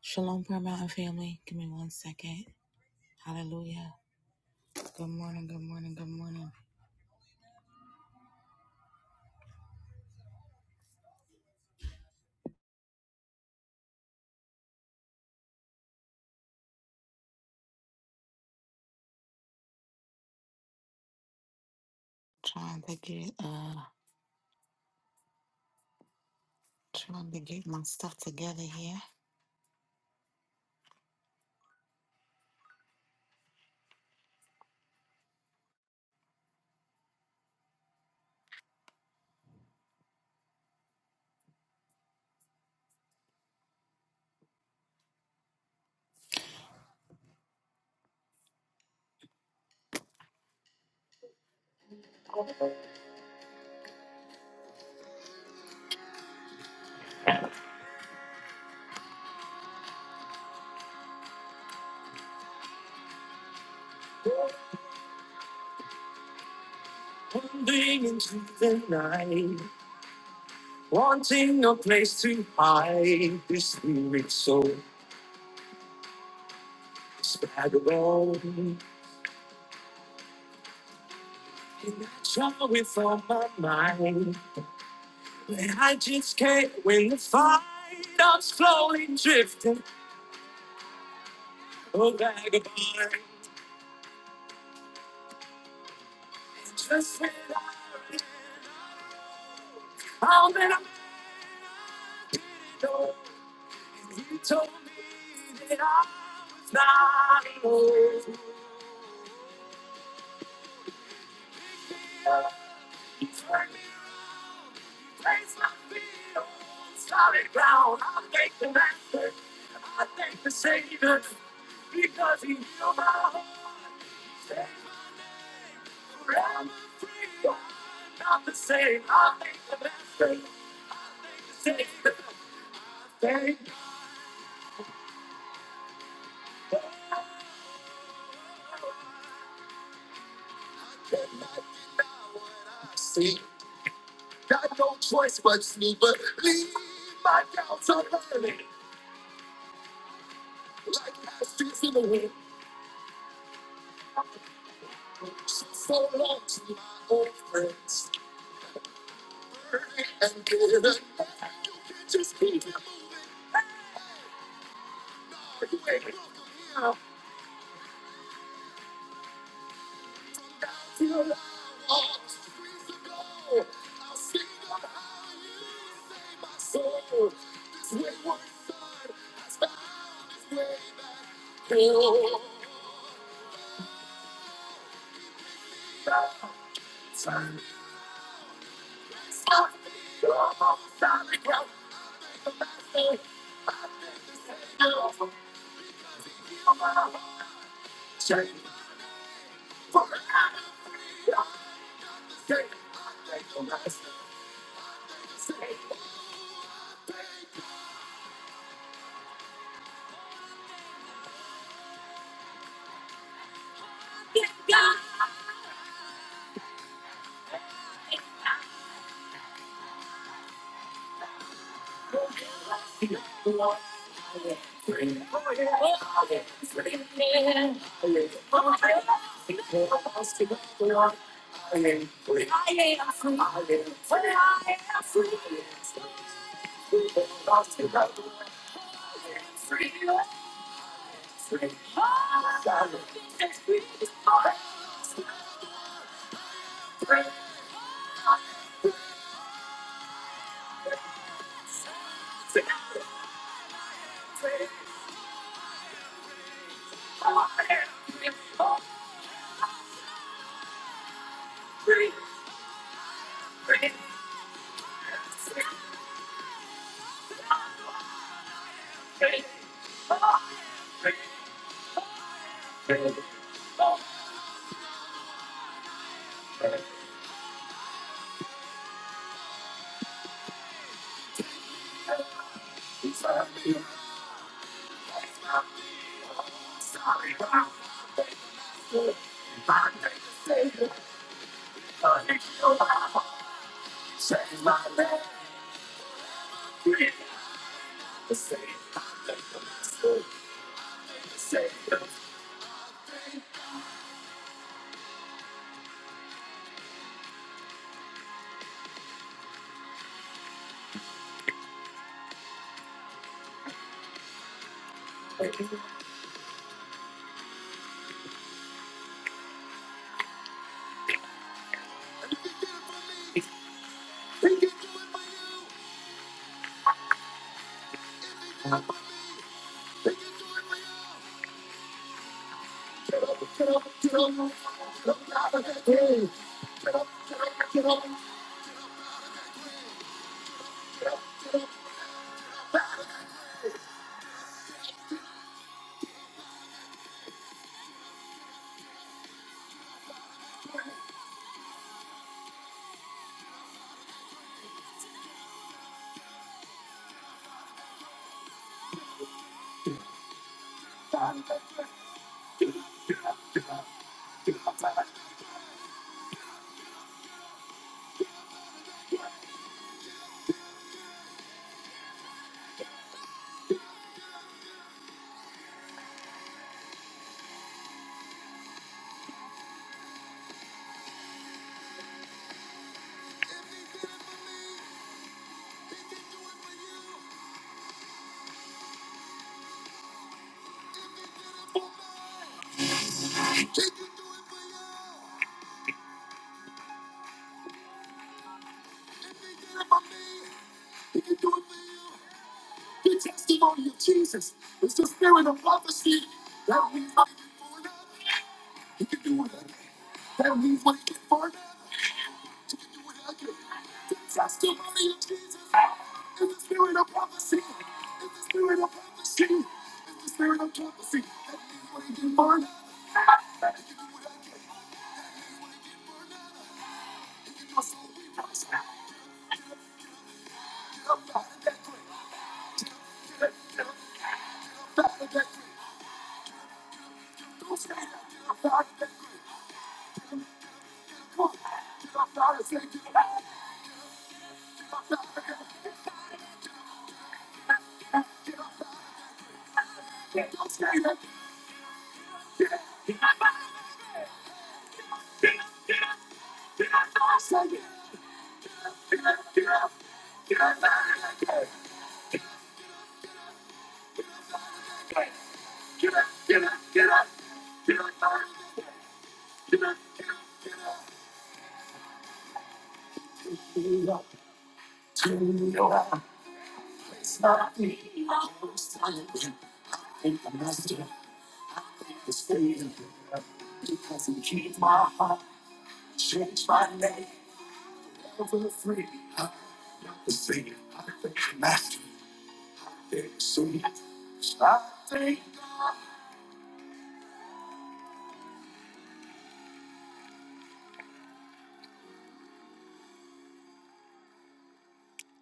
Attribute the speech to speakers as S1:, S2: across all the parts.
S1: Shalom, Prayer Mountain family. Give me one second. Hallelujah. Good morning, good morning, good morning. Trying to get uh trying to get my stuff together here.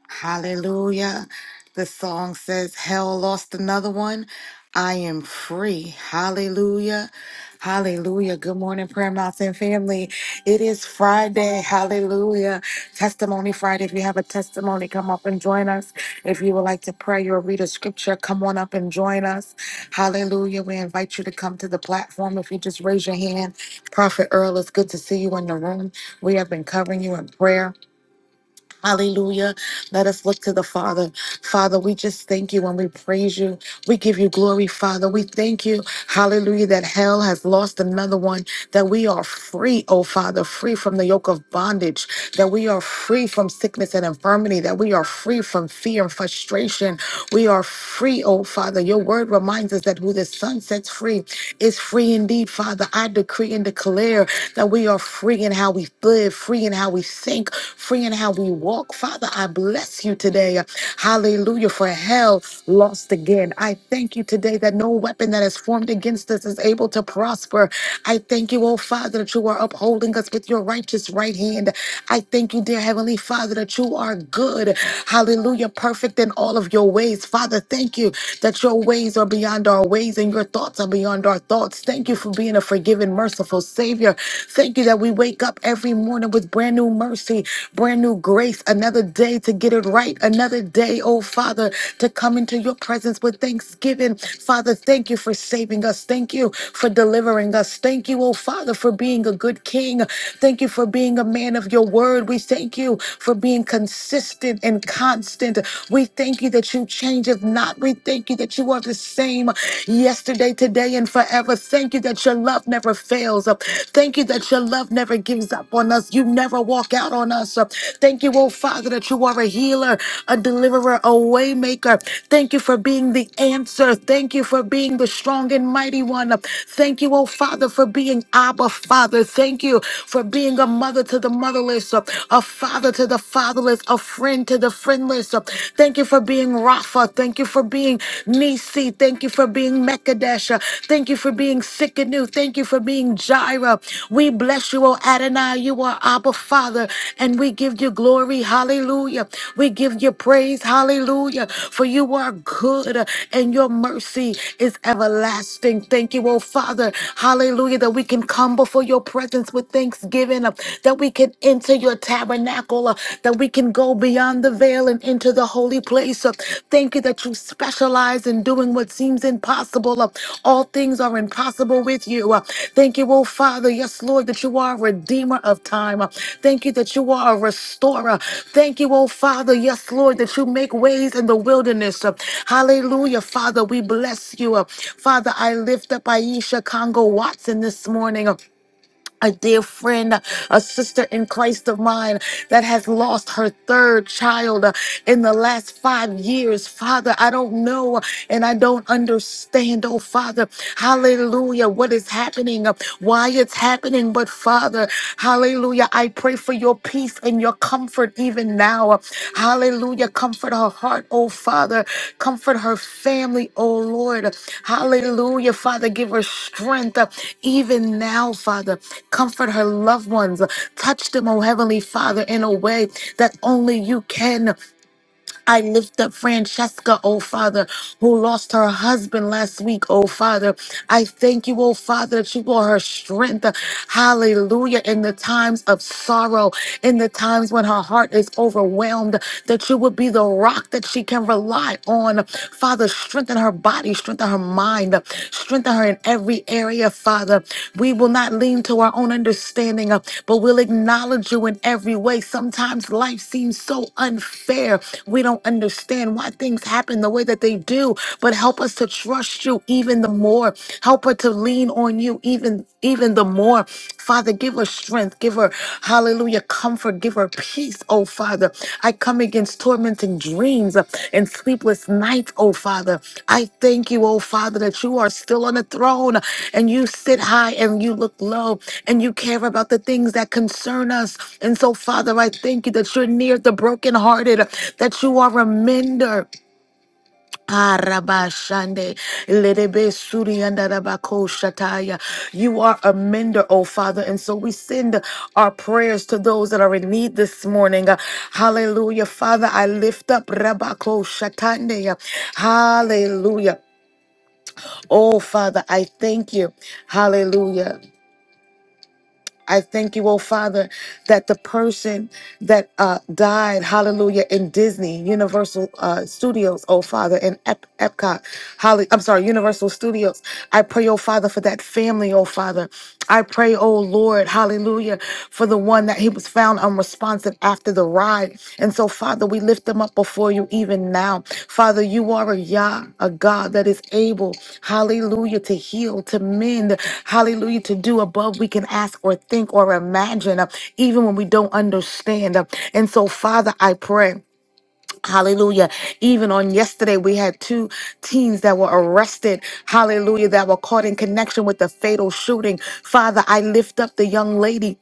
S1: Hallelujah. The song says, Hell lost another one. I am free. Hallelujah. Hallelujah. Good morning, Prayer Mountain family. It is Friday. Hallelujah. Testimony Friday. If you have a testimony, come up and join us. If you would like to pray or read a scripture, come on up and join us. Hallelujah. We invite you to come to the platform. If you just raise your hand, Prophet Earl, it's good to see you in the room. We have been covering you in prayer. Hallelujah. Let us look to the Father. Father, we just thank you and we praise you. We give you glory, Father. We thank you, hallelujah, that hell has lost another one, that we are free, oh Father, free from the yoke of bondage, that we are free from sickness and infirmity, that we are free from fear and frustration. We are free, oh Father. Your word reminds us that who the Son sets free is free indeed, Father. I decree and declare that we are free free in how we live, free in how we think, free in how we walk. Father, I bless you today. Hallelujah. For hell lost again. I thank you today that no weapon that is formed against us is able to prosper. I thank you, oh Father, that you are upholding us with your righteous right hand. I thank you, dear Heavenly Father, that you are good. Hallelujah. Perfect in all of your ways. Father, thank you that your ways are beyond our ways and your thoughts are beyond our thoughts. Thank Thank you for being a forgiving, merciful Savior. Thank you that we wake up every morning with brand new mercy, brand new grace, another day to get it right, another day, oh Father, to come into your presence with thanksgiving. Father, thank you for saving us. Thank you for delivering us. Thank you, oh Father, for being a good King. Thank you for being a man of your word. We thank you for being consistent and constant. We thank you that you change if not. We thank you that you that you are the same yesterday, today, and forever. Thank you that your love never fails. Thank you that your love never gives up on us. You never walk out on us. Thank you, oh Father, that you are a healer, a deliverer, a way maker. Thank you for being the answer. Thank you for being the strong and mighty one. Thank you, oh Father, for being Abba Father. Thank you for being a mother to the motherless, a father to the fatherless, a friend to the friendless promise. Thank you for being Rapha. Thank you for being Nisi. Thank you for being Mekadesh. Thank you for being Sikkenu. Thank you for being Jireh. We bless you, O Adonai. You are Abba Father, and we give you glory. Hallelujah. We give you praise. Hallelujah. For you are good, and your mercy is everlasting. Thank you, O Father. Hallelujah. That we can come before your presence with thanksgiving, that we can enter into your tabernacle, uh, that we can go beyond the veil and into the holy place. Uh, Thank you that you specialize in doing what seems impossible. Uh, All things are impossible with you. Uh, Thank you, oh Father. Yes, Lord, that you are a redeemer of time. Uh, Thank you that you are a restorer. Thank you, oh Father. Yes, Lord, that you make ways in the wilderness. Uh, Hallelujah, Father. We bless you. Uh, Father, I lift up Aisha Congo Watson this morning. uh a dear friend, a sister in Christ of mine that has lost her third child uh, in the last five years. Father, I don't know and I don't understand, oh Father, hallelujah, what is happening, uh, why it's happening. But Father, hallelujah, I pray for your peace and your comfort even now. Hallelujah. Comfort her heart, oh Father. Comfort her family, oh Lord. Hallelujah. Father, give her strength uh, even now, Father. Comfort her loved ones. Touch them, oh Heavenly Father, in a way that only you can. I lift up Francesca, oh Father, who lost her husband last week, oh Father. I thank you, oh Father, that you brought her strength. Hallelujah. In the times of sorrow, in the times when her heart is overwhelmed, that you would be the rock that she can rely on. Father, strengthen her body, strengthen her mind, strengthen her in every area, Father. We will not lean to our own understanding, uh, but we'll acknowledge you in every way. Sometimes life seems so unfair. We don't understand why things happen the way that they do, but help us to trust you even the more. Help her to lean on you even even the more. Father, give her strength. Give her Hallelujah. Comfort, give her peace, oh Father. I come against tormenting dreams uh, and sleepless nights, oh Father. I thank you, oh Father, that you are still on the throne and you sit high and you look low and you care about the things that concern us. And so, Father, I thank you that you're near the brokenhearted, that you are a mender. Arabashande, lerebe suri andarabako shataya. You are a mender, oh Father. And so we send our prayers to those that are in need this morning. Uh, Hallelujah. Father, I lift up Rabako Shatande. Hallelujah. Oh Father, I thank you. Hallelujah. I thank you, oh Father, that the person that uh, died, hallelujah, in Disney, Universal uh, Studios, oh Father, in Ep- Epcot, Holly, I'm sorry, Universal Studios. I pray, oh Father, for that family, oh Father. I pray, oh Lord, hallelujah, for the one that he was found unresponsible responsive after the ride. And so, Father, we lift them up before you even now. Father, you are a Yah, a God that is able, hallelujah, to heal, to mend, hallelujah, to do above we can ask or think or imagine, uh, even when we don't understand. Uh, And so, Father, I pray. Hallelujah. Even on yesterday, we had two teens that were arrested. Hallelujah. That were caught in connection with the fatal shooting. Father, I lift up the young lady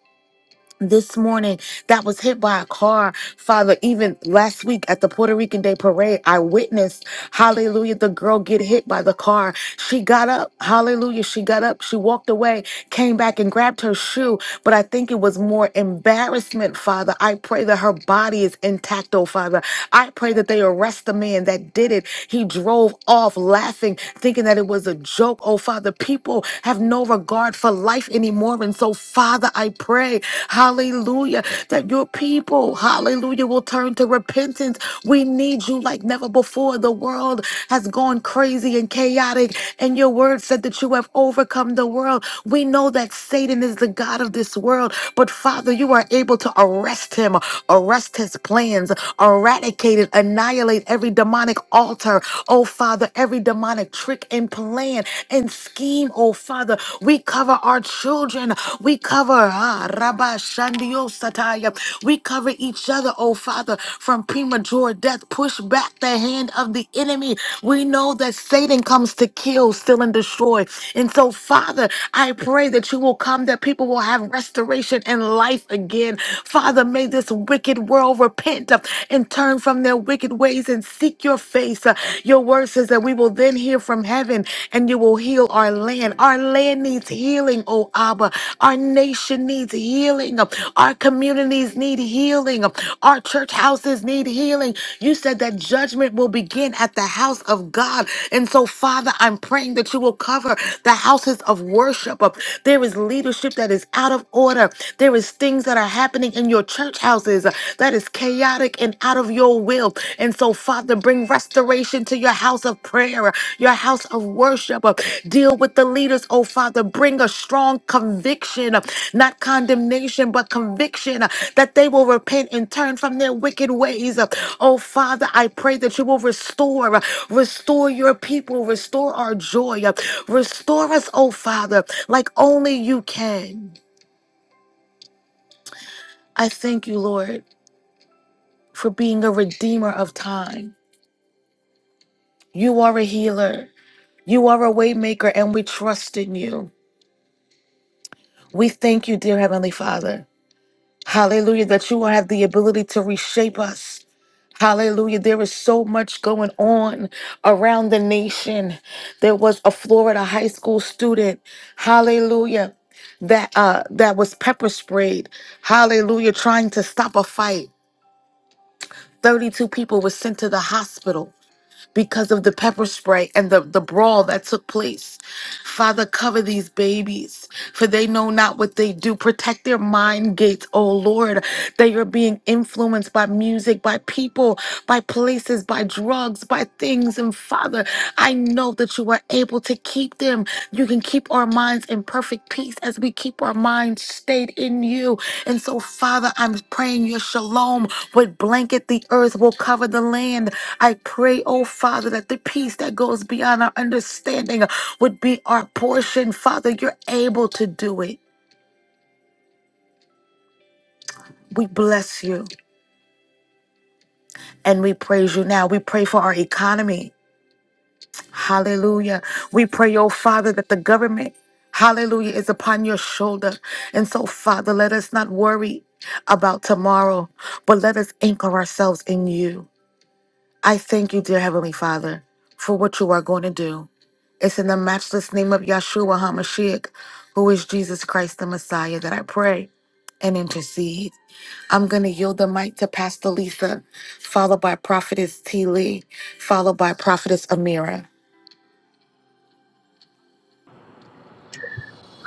S1: this morning that was hit by a car. Father, even last week at the Puerto Rican Day Parade, I witnessed, hallelujah, the girl get hit by the car. She got up, hallelujah, she got up, she walked away, came back and grabbed her shoe. But I think it was more embarrassment, Father. I pray that her body is intact, oh Father. I pray that they arrest the man that did it. He drove off laughing, thinking that it was a joke, oh Father. People have no regard regard for life anymore. And so, Father, I pray, hallelujah, that your people, hallelujah, will turn to repentance. We need you like never before. The world has gone crazy and chaotic, and your word said that you have overcome the world. We know that Satan is the God of this world, but Father, you are able to arrest him, arrest his plans, eradicate it, annihilate every demonic altar. Oh, Father, every demonic trick and plan and scheme, oh Father. We cover our children. We cover ah, Rabba Shandio Sataya. We cover each other, oh Father, from premature death. Push back the hand of the enemy. We know that Satan comes to kill, steal, and destroy. And so, Father, I pray that you will come, that people will have restoration and life again. Father, may this wicked world repent and turn from their wicked ways ways and seek your face. Uh, Your word says that we will then hear from heaven and you will heal our land. Our land needs healing, oh Abba. Our nation needs healing. Our communities need healing. Our church houses need healing. You said that judgment will begin at the house of God. And so, Father, I'm praying that you will cover the houses of worship. There is leadership that is out of order. There is things that are happening in your church house houses uh, that is chaotic and out of your will. And so, Father, bring restoration to your house of prayer, uh, your house of worship. uh, Deal with the leaders, oh Father. Bring a strong conviction, uh, not condemnation, but conviction uh, that they will repent and turn from their wicked ways. uh. Oh Father, I pray that you will restore, uh, restore your people, restore our joy, uh, restore us, oh Father, like only you can. I thank you, Lord. for being a redeemer of time. You are a healer. You are a waymaker, and we trust in you. We thank you, dear Heavenly Father. Hallelujah, that you have the ability to reshape us. Hallelujah. There is so much going on around the nation. There was a Florida high school student. Hallelujah. That uh that was pepper sprayed. Hallelujah, trying to stop a fight. 32 people were sent to the hospital. because of the pepper spray and the, the brawl that took place. Father, cover these babies, for they know not what they do. Protect their mind gates, oh Lord. They are being influenced by music, by people, by places, by drugs, by things. And Father, I know that you are able to keep them. You can keep our minds in perfect peace as we keep our minds stayed in you. And so, Father, I'm praying your shalom would blanket the earth, will cover the land. I pray, oh Father, that the peace that goes beyond our understanding would be our portion. Father, you're able to do it. We bless you and we praise you now. We pray for our economy. Hallelujah. We pray, oh Father, that the government, hallelujah, is upon your shoulder. And so, Father, let us not worry about tomorrow, but let us anchor ourselves in you. I thank you, dear Heavenly Father, for what you are going to do. It's in the matchless name of Yahshua HaMashiach, who is Jesus Christ the Messiah, that I pray and intercede. I'm going to yield the mic to Pastor Lisa, followed by Prophetess T. Lee, followed by Prophetess Amira.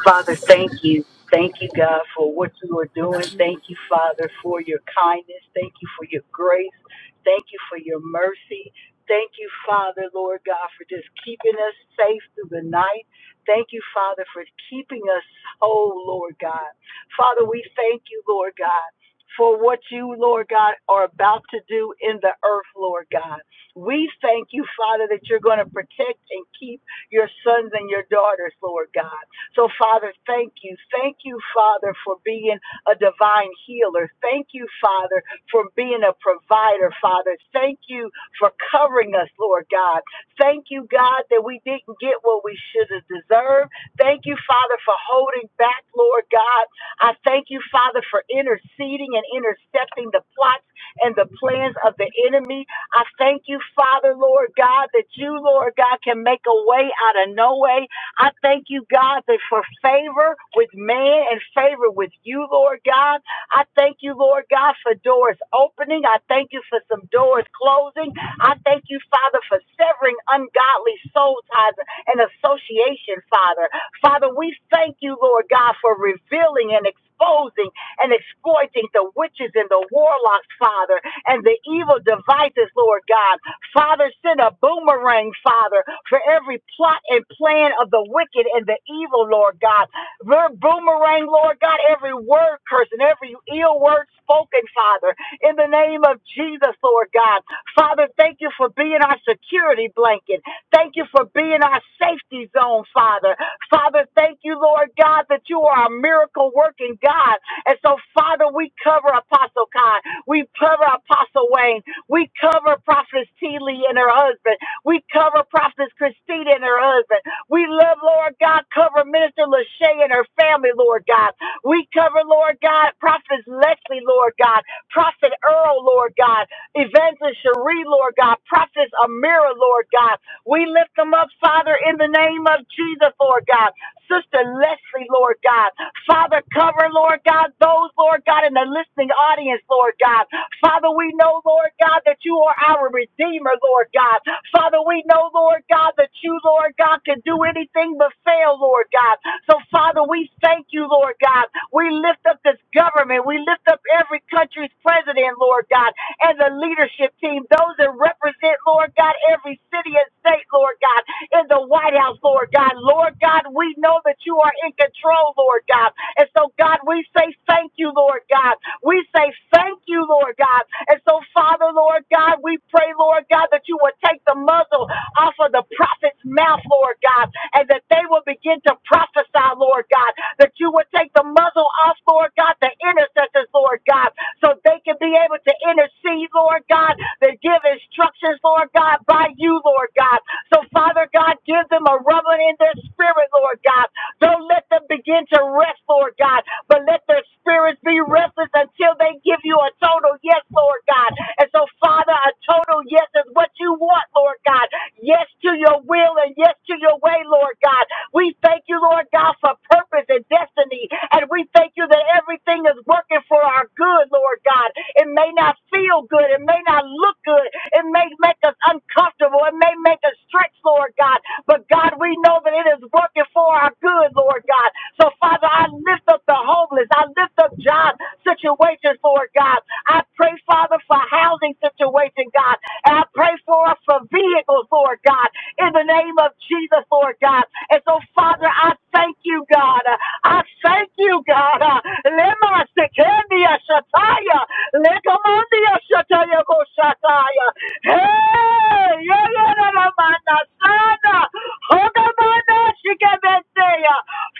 S2: Father, thank you. Thank you, God, for what you are doing. Thank you, Father, for your kindness. Thank you for your grace. Thank you for your mercy. Thank you, Father, Lord God, for just keeping us safe through the night. Thank you, Father, for keeping us whole, Lord God. Father, we thank you, Lord God, for what you, Lord God, are about to do in the earth, Lord God. We thank you, Father, that you're going to protect and keep your sons and your daughters, Lord God. So, Father, thank you. Thank you, Father, for being a divine healer. Thank you, Father, for being a provider, Father. Thank you for covering us, Lord God. Thank you, God, that we didn't get what we should have deserved. Thank you, Father, for holding back, Lord God. I thank you, Father, for interceding and intercepting the plots and the plans of the enemy. I thank you, Father, Lord God, that you, Lord God, can make a way out of no way. I thank you, God, that for favor with man and favor with you, Lord God. I thank you, Lord God, for doors opening. I thank you for some doors closing. I thank you, Father, for severing ungodly soul ties and association, Father. Father, we thank you, Lord God, for revealing and exposing exposing and exploiting the witches and the warlocks, Father, and the evil devices, Lord God. Father, send a boomerang, Father, for every plot and plan of the wicked and the evil, Lord God. Their boomerang, Lord God, every word curse and every ill word spoken, Father, in the name of Jesus, Lord God. Father, thank you for being our security blanket. Thank you for being our safety zone, Father. Father, thank you, Lord God, that you are a miracle working God. And so, Father, we cover Apostle Kai. We cover Apostle Wayne. We cover Prophetess T. and her husband. We cover Prophetess Christina and her husband. We love, Lord God, cover Minister Lachey and her family, Lord God. We cover, Lord God, Prophetess Leslie, Lord God, Prophet Earl, Lord God, Evangelist Cherie, Lord God, Prophetess Amira, Lord God. We lift them up, Father, in the name of Jesus, Lord God. Sister Leslie, Lord God. Father, cover, Lord God, those, Lord God, in the listening audience, Lord God. Father, we know, Lord God, that you are our Redeemer, Lord God. Father, we know, Lord God, that you, Lord God, can do anything but fail, Lord God. So, Father, we thank you, Lord God. We lift up this government. We lift up every country's president, Lord God, and the leadership team, those that represent, Lord God, every city and state, Lord God in the White House, Lord God. Lord God, we know that you are in control, Lord God. And so, God, we say thank you, Lord God. We say thank you, Lord God. And so, Father, Lord God, we pray, Lord God, that you will take the muzzle off of the prophet's mouth, Lord God, and that they will begin to prophesy, Lord God, that you would take the muzzle off, Lord God, the intercessors, Lord God, so they can be able to intercede, Lord God, to give instructions, Lord God, by you, Lord God. So, Father God, give them a rumbling in their spirit, Lord God. Don't let them begin to rest, Lord God, but let their spirits be restless until they give you a total yes, Lord God. And so, Father, a total yes is what you want, Lord God. Yes to your will and yes to your way, Lord God. We thank you, Lord God, for purpose and destiny. And we thank you that you that everything is working for our good, Lord God. It may not feel good. It may not look good. It may make us uncomfortable. It may make us stretch, Lord God. But God, we know that it is working for our good, Lord God. So, Father, I lift up the homeless. I lift up job situations, Lord God. I pray, Father, for housing situation, God. And I pray for us for vehicles, Lord God, in the name of Jesus, Lord God. And so, Father, I thank you, God. I thank you, God. Uh, Lema sekendia shataya. Lekamondia shataya go shataya. Hey, yeah, yeah, la, la, ma, na, sana. Hoga, ma, na, shikebeteya.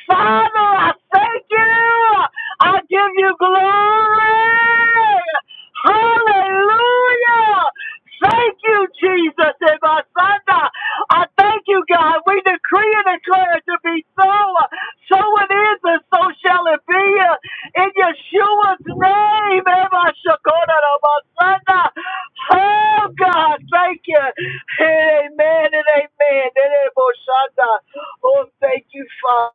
S2: Father, I thank you. I give you glory. Hallelujah. Hallelujah. Thank you, Jesus, and my I thank you, God. We decree and declare it to be so. So it is, and so shall it be. In Yeshua's name, and my Oh, God, thank you. Amen and amen. And amen. Oh, thank you, Father.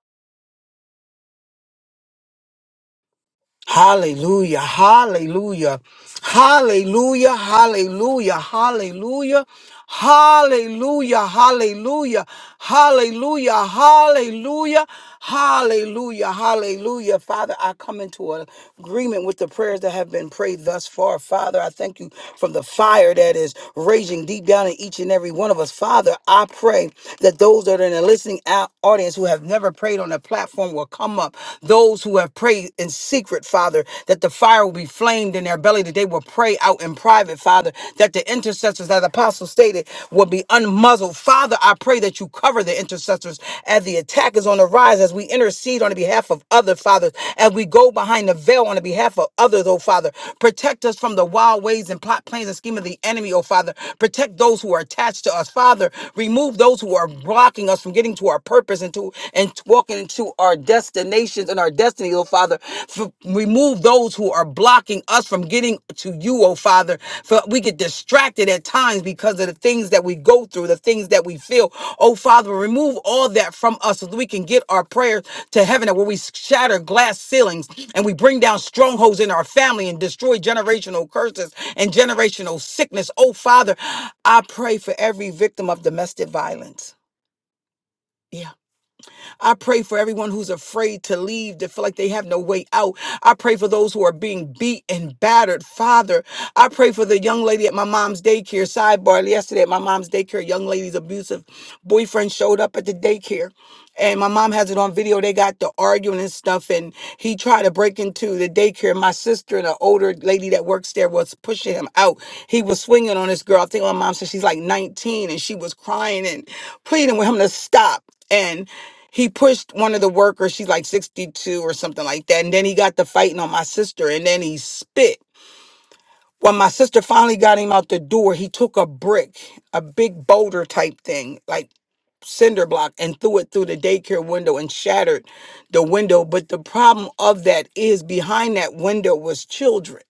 S3: Hallelujah, hallelujah, hallelujah, hallelujah, hallelujah, hallelujah, hallelujah, hallelujah, hallelujah, hallelujah, hallelujah. Father, I come into agreement with the prayers that have been prayed thus far. Father, I thank you from the fire that is raging deep down in each and every one of us. Father, I pray that those that are in the listening out audience who have never prayed on the platform will come up those who have prayed in secret, Father, that the fire will be flamed in their belly, that they will pray out in private, Father, that the intercessors, as Apostle stated, will be unmuzzled. Father, I pray that you cover the intercessors as the attack is on the rise, as we intercede on the behalf of other fathers, as we go behind the veil on the behalf of others, oh Father. Protect us from the wild ways and plot plans and scheme of the enemy, oh Father. Protect those who are attached to us, Father. Remove those who are blocking us from getting to our purpose and to and walking into our destinations and our destiny, oh Father. F- remove those who are blocking us from getting to you, oh Father. For we get distracted at times because of the things that we go through, the things that we feel. Oh Father, remove all that from us so that we can get our prayers to heaven and where we shatter glass ceilings and we bring down strongholds in our family and destroy generational curses and generational sickness. Oh Father, I pray for every victim of domestic violence. Yeah. I pray for everyone who's afraid to leave, that feel like they have no way out. I pray for those who are being beat and battered. Father, I pray for the young lady at my mom's daycare. Sidebar yesterday at my mom's daycare, a young lady's abusive boyfriend showed up at the daycare and my mom has it on video. They got to arguing and stuff, and he tried to break into the daycare. My sister, the older lady that works there, was pushing him out. He was swinging on this girl. I think my mom said she's like 19, and she was crying and pleading with him to stop. And he pushed one of the workers. She's like 62 or something like that. And then he got to fighting on my sister, and then he spit. When my sister finally got him out the door, he took a brick, a big boulder type thing, like cinder block and threw it through the daycare window and shattered the window. But the problem of that is behind that window was children.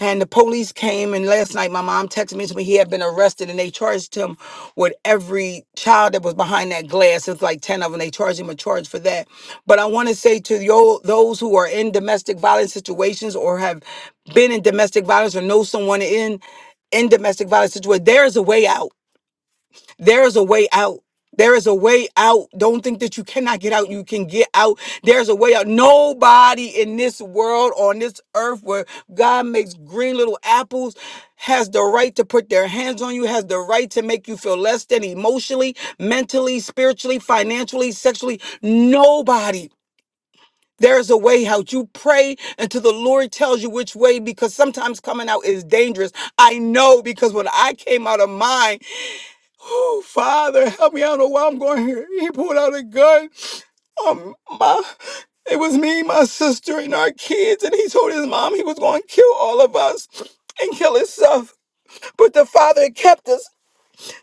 S3: And the police came, and last night my mom texted me and told me he had been arrested, and they charged him with every child that was behind that glass. It's like 10 of them. They charged him a charge for that. But I want to say to yo, those who are in domestic violence situations or have been in domestic violence or know someone in, in domestic violence situation, there is a way out there is a way out. There is a way out. Don't think that you cannot get out. You can get out. There's a way out. Nobody in this world, on this earth, where God makes green little apples, has the right to put their hands on you, has the right to make you feel less than emotionally, mentally, spiritually, financially, sexually. Nobody. There is a way out. You pray until the Lord tells you which way because sometimes coming out is dangerous. I know because when I came out of mine, Oh, Father, help me. I don't know why I'm going here. He pulled out a gun. Um, my, it was me, my sister, and our kids, and he told his mom he was going to kill all of us and kill himself. But the father kept us.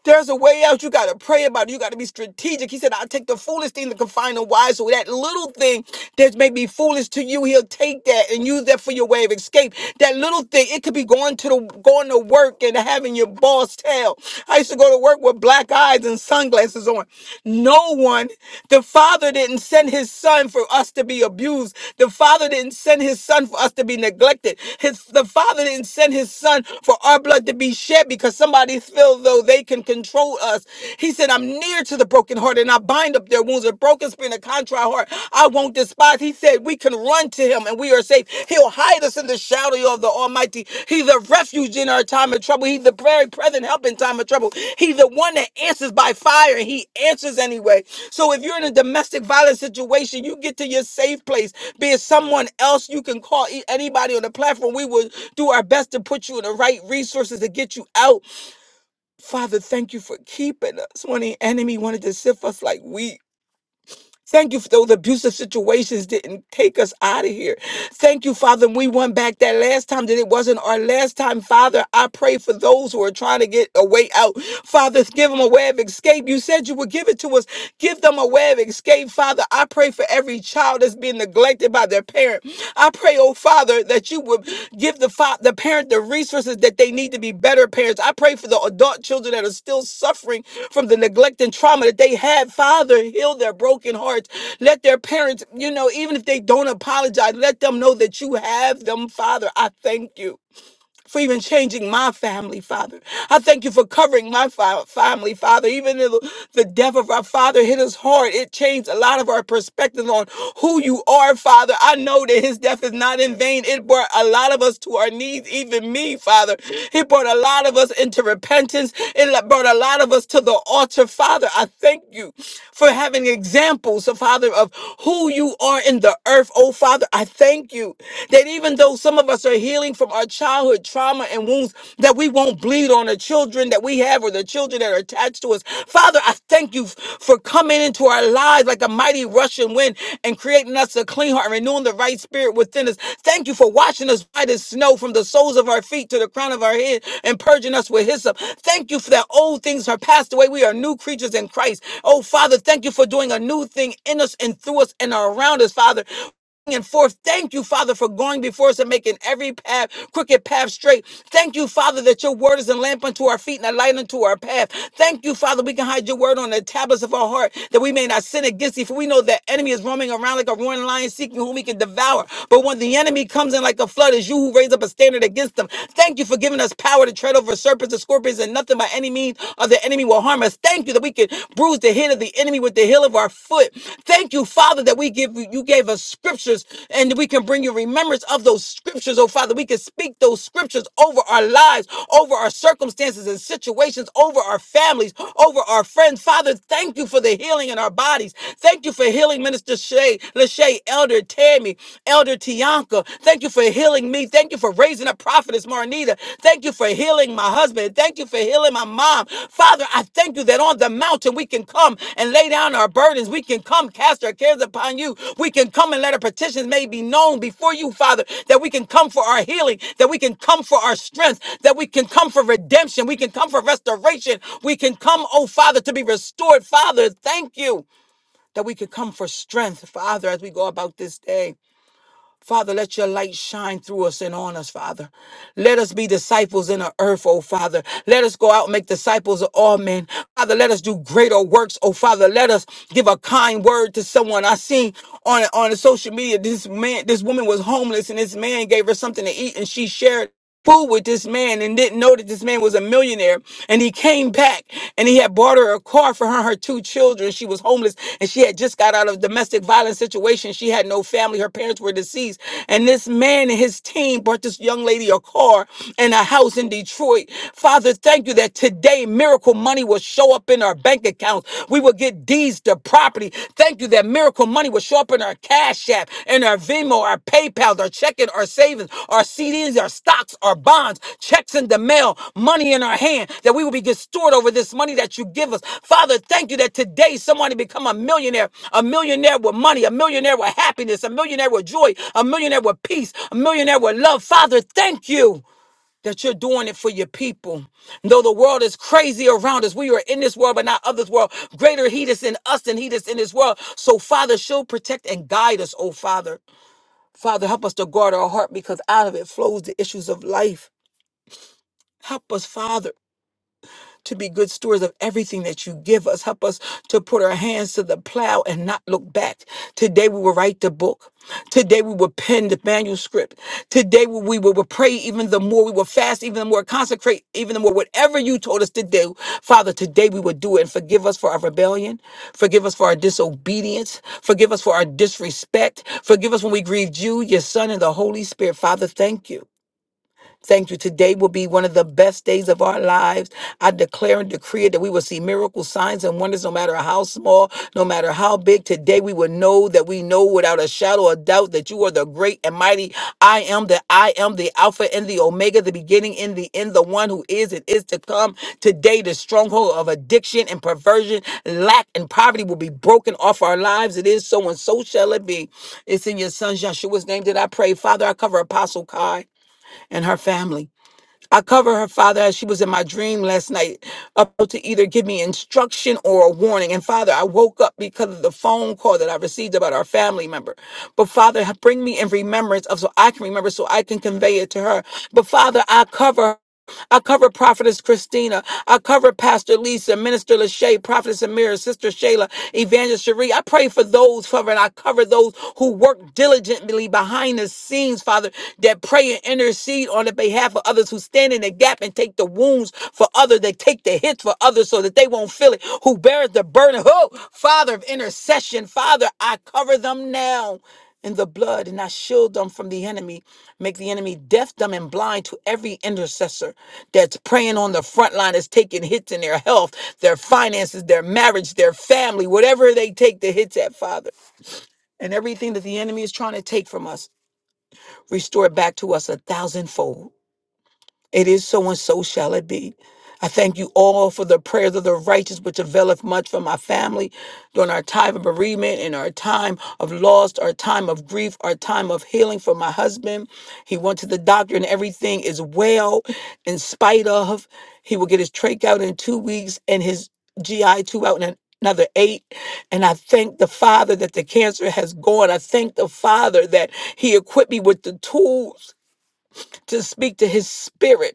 S3: There's a way out. You got to pray about it. You got to be strategic. He said, I'll take the foolish thing to confine the wise. So that little thing that may be foolish to you, he'll take that and use that for your way of escape. That little thing, it could be going to the going to work and having your boss tail. I used to go to work with black eyes and sunglasses on. No one, the father didn't send his son for us to be abused. The father didn't send his son for us to be neglected. His the father didn't send his son for our blood to be shed because somebody feels feel though they can control us. He said, I'm near to the brokenhearted and I bind up their wounds. A broken spirit and a contrite heart, I won't despise. He said, We can run to him and we are safe. He'll hide us in the shadow of the Almighty. He's a refuge in our time of trouble. He's the very present help in time of trouble. He's the one that answers by fire and he answers anyway. So if you're in a domestic violence situation, you get to your safe place. Be it someone else you can call, e- anybody on the platform. We will do our best to put you in the right resources to get you out. Father, thank you for keeping us when the enemy wanted to sift us like wheat. Thank you for those abusive situations didn't take us out of here. Thank you, Father. We went back that last time that it wasn't our last time, Father. I pray for those who are trying to get a way out. Father, give them a way of escape. You said you would give it to us. Give them a way of escape, Father. I pray for every child that's being neglected by their parent prepared. I pray, oh Father, that you would give the fa- the parent the resources that they need to be better parents. I pray for the adult children that are still suffering from the neglect and trauma that they had. Father, heal their broken hearts. Let their parents, you know, even if they don't apologize, let them know that you have them, Father. I thank you for even changing my family, Father. I thank you for covering my fa- family, Father. Even though the death of our father hit us hard, it changed a lot of our perspective on who you are, Father. I know that his death is not in vain. It brought a lot of us to our knees, even me, Father. It brought a lot of us into repentance. It le- brought a lot of us to the altar, Father. I thank you for having examples, Father, of who you are in the earth, oh Father. I thank you that even even though some of us are healing from our childhood trauma and wounds, that we won't bleed on the children that we have or the children that are attached to us. Father, I thank you f- for coming into our lives like a mighty rushing wind and creating us a clean heart and renewing the right spirit within us. Thank you for washing us white as snow from the soles of our feet to the crown of our head and purging us with hyssop. Thank you for that old things are passed away. We are new creatures in Christ. Oh, Father, thank you for doing a new thing in us and through us and around us, Father and forth. Thank you, Father, for going before us and making every path, crooked path straight. Thank you, Father, that your word is a lamp unto our feet and a light unto our path. Thank you, Father, we can hide your word on the tablets of our heart that we may not sin against thee. For we know that enemy is roaming around like a roaring lion seeking whom he can devour. But when the enemy comes in like a flood, it's you who raise up a standard against them. Thank you for giving us power to tread over serpents and scorpions and nothing by any means of the enemy will harm armors. Thank you that we can bruise the head of the enemy with the heel of our foot. Thank you, Father, that we give you gave us scriptures and we can bring you remembrance of those scriptures, oh Father. We can speak those scriptures over our lives, over our circumstances and situations, over our families, over our friends. Father, thank you for the healing in our bodies. Thank you for healing Minister Shay, Lachey, Elder Tammy, Elder Tianka. Thank you for healing me. Thank you for raising up prophetess Marnita. Thank you for healing my husband. Thank you for healing my mom. Father, I thank you that on the mountain we can come and lay down our burdens. We can come cast our cares upon you. We can come and let our petitions may be known before you, Father, that we can come for our healing, that we can come for our strength, that we can come for redemption. We can come for restoration. We can come, oh Father, to be restored. Father, thank you that we could come for strength, Father, as we go about this day. Father, let your light shine through us and on us, Father. Let us be disciples in the earth, oh Father. Let us go out and make disciples of all men. Father, let us do greater works, oh Father. Let us give a kind word to someone. I seen on on the social media this man, this woman was homeless, and this man gave her something to eat, and she shared fool with this man and didn't know that this man was a millionaire. And he came back and he had bought her a car for her and her two children. She was homeless and she had just got out of a domestic violence situation. She had no family. Her parents were deceased. And this man and his team bought this young lady a car and a house in Detroit. Father, thank you that today miracle money will show up in our bank accounts. We will get deeds to property. Thank you that miracle money will show up in our Cash App, in our Venmo, our PayPal, our checking, our savings, our CDs, our stocks, our bonds, checks in the mail, money in our hand, that we will be good steward over this money that you give us. Father, thank you that today somebody become a millionaire, a millionaire with money, a millionaire with happiness, a millionaire with joy, a millionaire with peace, a millionaire with love. Father, thank you that you're doing it for your people. Though the world is crazy around us, we are in this world, but not of this world. Greater He that's in us than He that's in this world. So, Father, show, protect, and guide us, oh Father. Father, help us to guard our heart because out of it flows the issues of life. Help us, Father to be good stewards of everything that you give us. Help us to put our hands to the plow and not look back. Today we will write the book. Today we will pen the manuscript. Today we we will, will pray even the more. We will fast even the more, consecrate even the more. Whatever you told us to do, Father, today we will do it. And forgive us for our rebellion. Forgive us for our disobedience. Forgive us for our disrespect. Forgive us when we grieved you, your Son, and the Holy Spirit. Father, thank you. Thank you. Today will be one of the best days of our lives. I declare and decree it that we will see miracles, signs, and wonders no matter how small, no matter how big. Today we will know that we know without a shadow of doubt that you are the great and mighty I am, that I am the Alpha and the Omega, the beginning and the end, the one who is and is to come. Today, the stronghold of addiction and perversion, lack and poverty will be broken off our lives. It is so, and so shall it be. It's in your son Joshua's name that I pray. Father, I cover Apostle Kai and her family. I cover her father as she was in my dream last night, up to either give me instruction or a warning. And Father, I woke up because of the phone call that I received about our family member. But Father, bring me in remembrance of so I can remember, so I can convey it to her. But Father, I cover I cover Prophetess Christina. I cover Pastor Lisa, Minister Lachey, Prophetess Amira, Sister Shayla, Evangelist Cherie. I pray for those, Father, and I cover those who work diligently behind the scenes, Father, that pray and intercede on the behalf of others who stand in the gap and take the wounds for others, They take the hits for others so that they won't feel it, who bears the burden. Oh, Father of intercession, Father, I cover them now in the blood, and I shield them from the enemy. Make the enemy deaf, dumb, and blind to every intercessor that's praying on the front line, is taking hits in their health, their finances, their marriage, their family, whatever they take the hits at, Father. And everything that the enemy is trying to take from us, restore it back to us a thousandfold. It is so and so shall it be. I thank you all for the prayers of the righteous, which availeth much for my family during our time of bereavement and our time of loss, our time of grief, our time of healing for my husband. He went to the doctor and everything is well, in spite of. He will get his trach out in two weeks and his GI two out in an- another eight. And I thank the Father that the cancer has gone. I thank the Father that He equipped me with the tools to speak to His spirit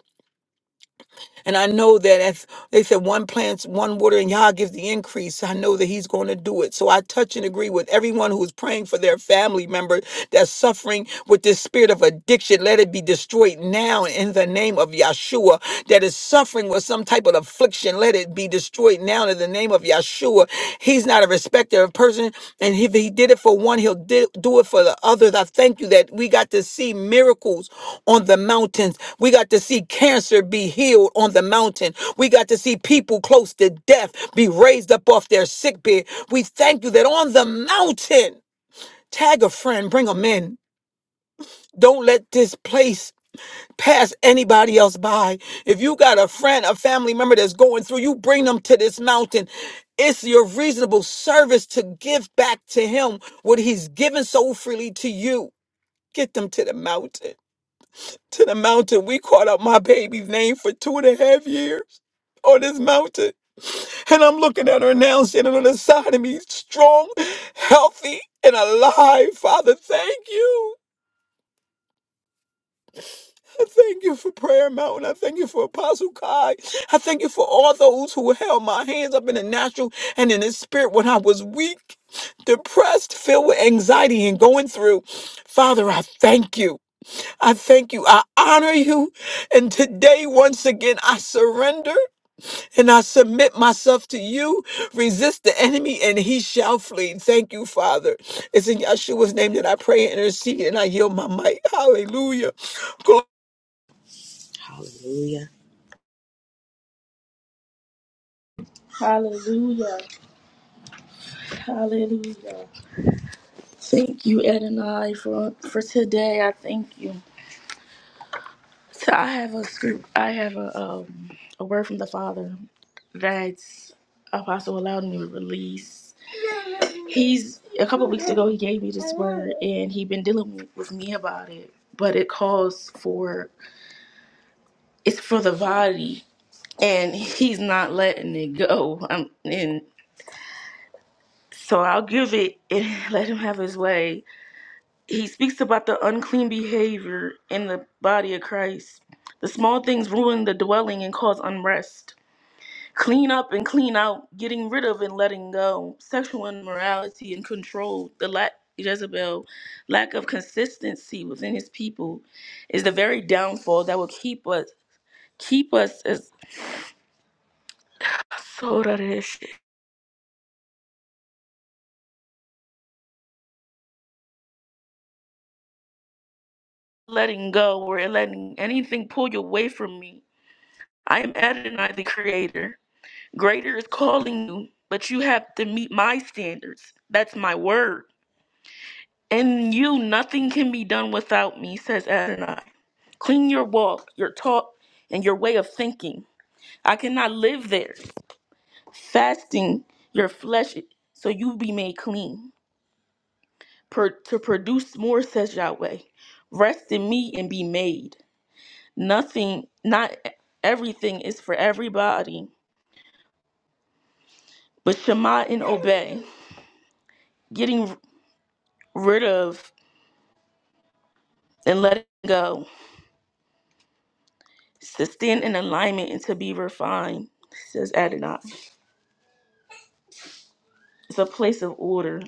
S3: and I know that as they said, one plants, one water, and Yah gives the increase. I know that He's going to do it. So I touch and agree with everyone who is praying for their family member that's suffering with this spirit of addiction. Let it be destroyed now in the name of Yahshua. That is suffering with some type of affliction. Let it be destroyed now in the name of Yahshua. Yeshua. He's not a respecter of person. And if he did it for one, he'll di- do it for the others. I thank you that we got to see miracles on the mountains. We got to see cancer be healed on the mountain. We got to see people close to death be raised up off their sick bed. We thank you that on the mountain, tag a friend, bring them in. Don't let this place pass anybody else by. If you got a friend, a family member that's going through, you bring them to this mountain. It's your reasonable service to give back to him what he's given so freely to you. Get them to the mountain. To the mountain. We called out my baby's name for two and a half years on this mountain. And I'm looking at her now, standing on the side of me, strong, healthy, and alive. Father, thank you. I thank you for Prayer Mountain. I thank you for Apostle Kai. I thank you for all those who held my hands up in the natural and in the spirit when I was weak, depressed, filled with anxiety and going through. Father, I thank you. I thank you. I honor you. And today, once again, I surrender and I submit myself to you. Resist the enemy and he shall flee. Thank you, Father. It's in Yeshua's name that I pray and intercede and I yield my might. Hallelujah.
S4: Hallelujah.
S5: Hallelujah. Hallelujah. Thank you, Adonai, for for today. I thank you. So I have a script. I have a um, a word from the Father that Apostle allowed me to release. He's a couple weeks ago. He gave me this word, and he been dealing with me about it. But it calls for it's for the body, and he's not letting it go. Um, and so I'll give it and let him have his way. he speaks about the unclean behavior in the body of Christ. The small things ruin the dwelling and cause unrest. Clean up and clean out, getting rid of and letting go. Sexual immorality and control, the lack Jezebel, lack of consistency within his people is the very downfall that will keep us keep us as letting go or letting anything pull you away from me. I am Adonai the creator. Greater is calling you, but you have to meet my standards. That's my word. And you, nothing can be done without me, says Adonai. Clean your walk, your talk, and your way of thinking. I cannot live there. Fasting your flesh so you be made clean. Per- to produce more, says Yahweh. Rest in me and be made. Nothing, not everything is for everybody, but Shema and obey. Getting rid of and let it go. It's to stand in alignment and to be refined, says Adonai. It's a place of order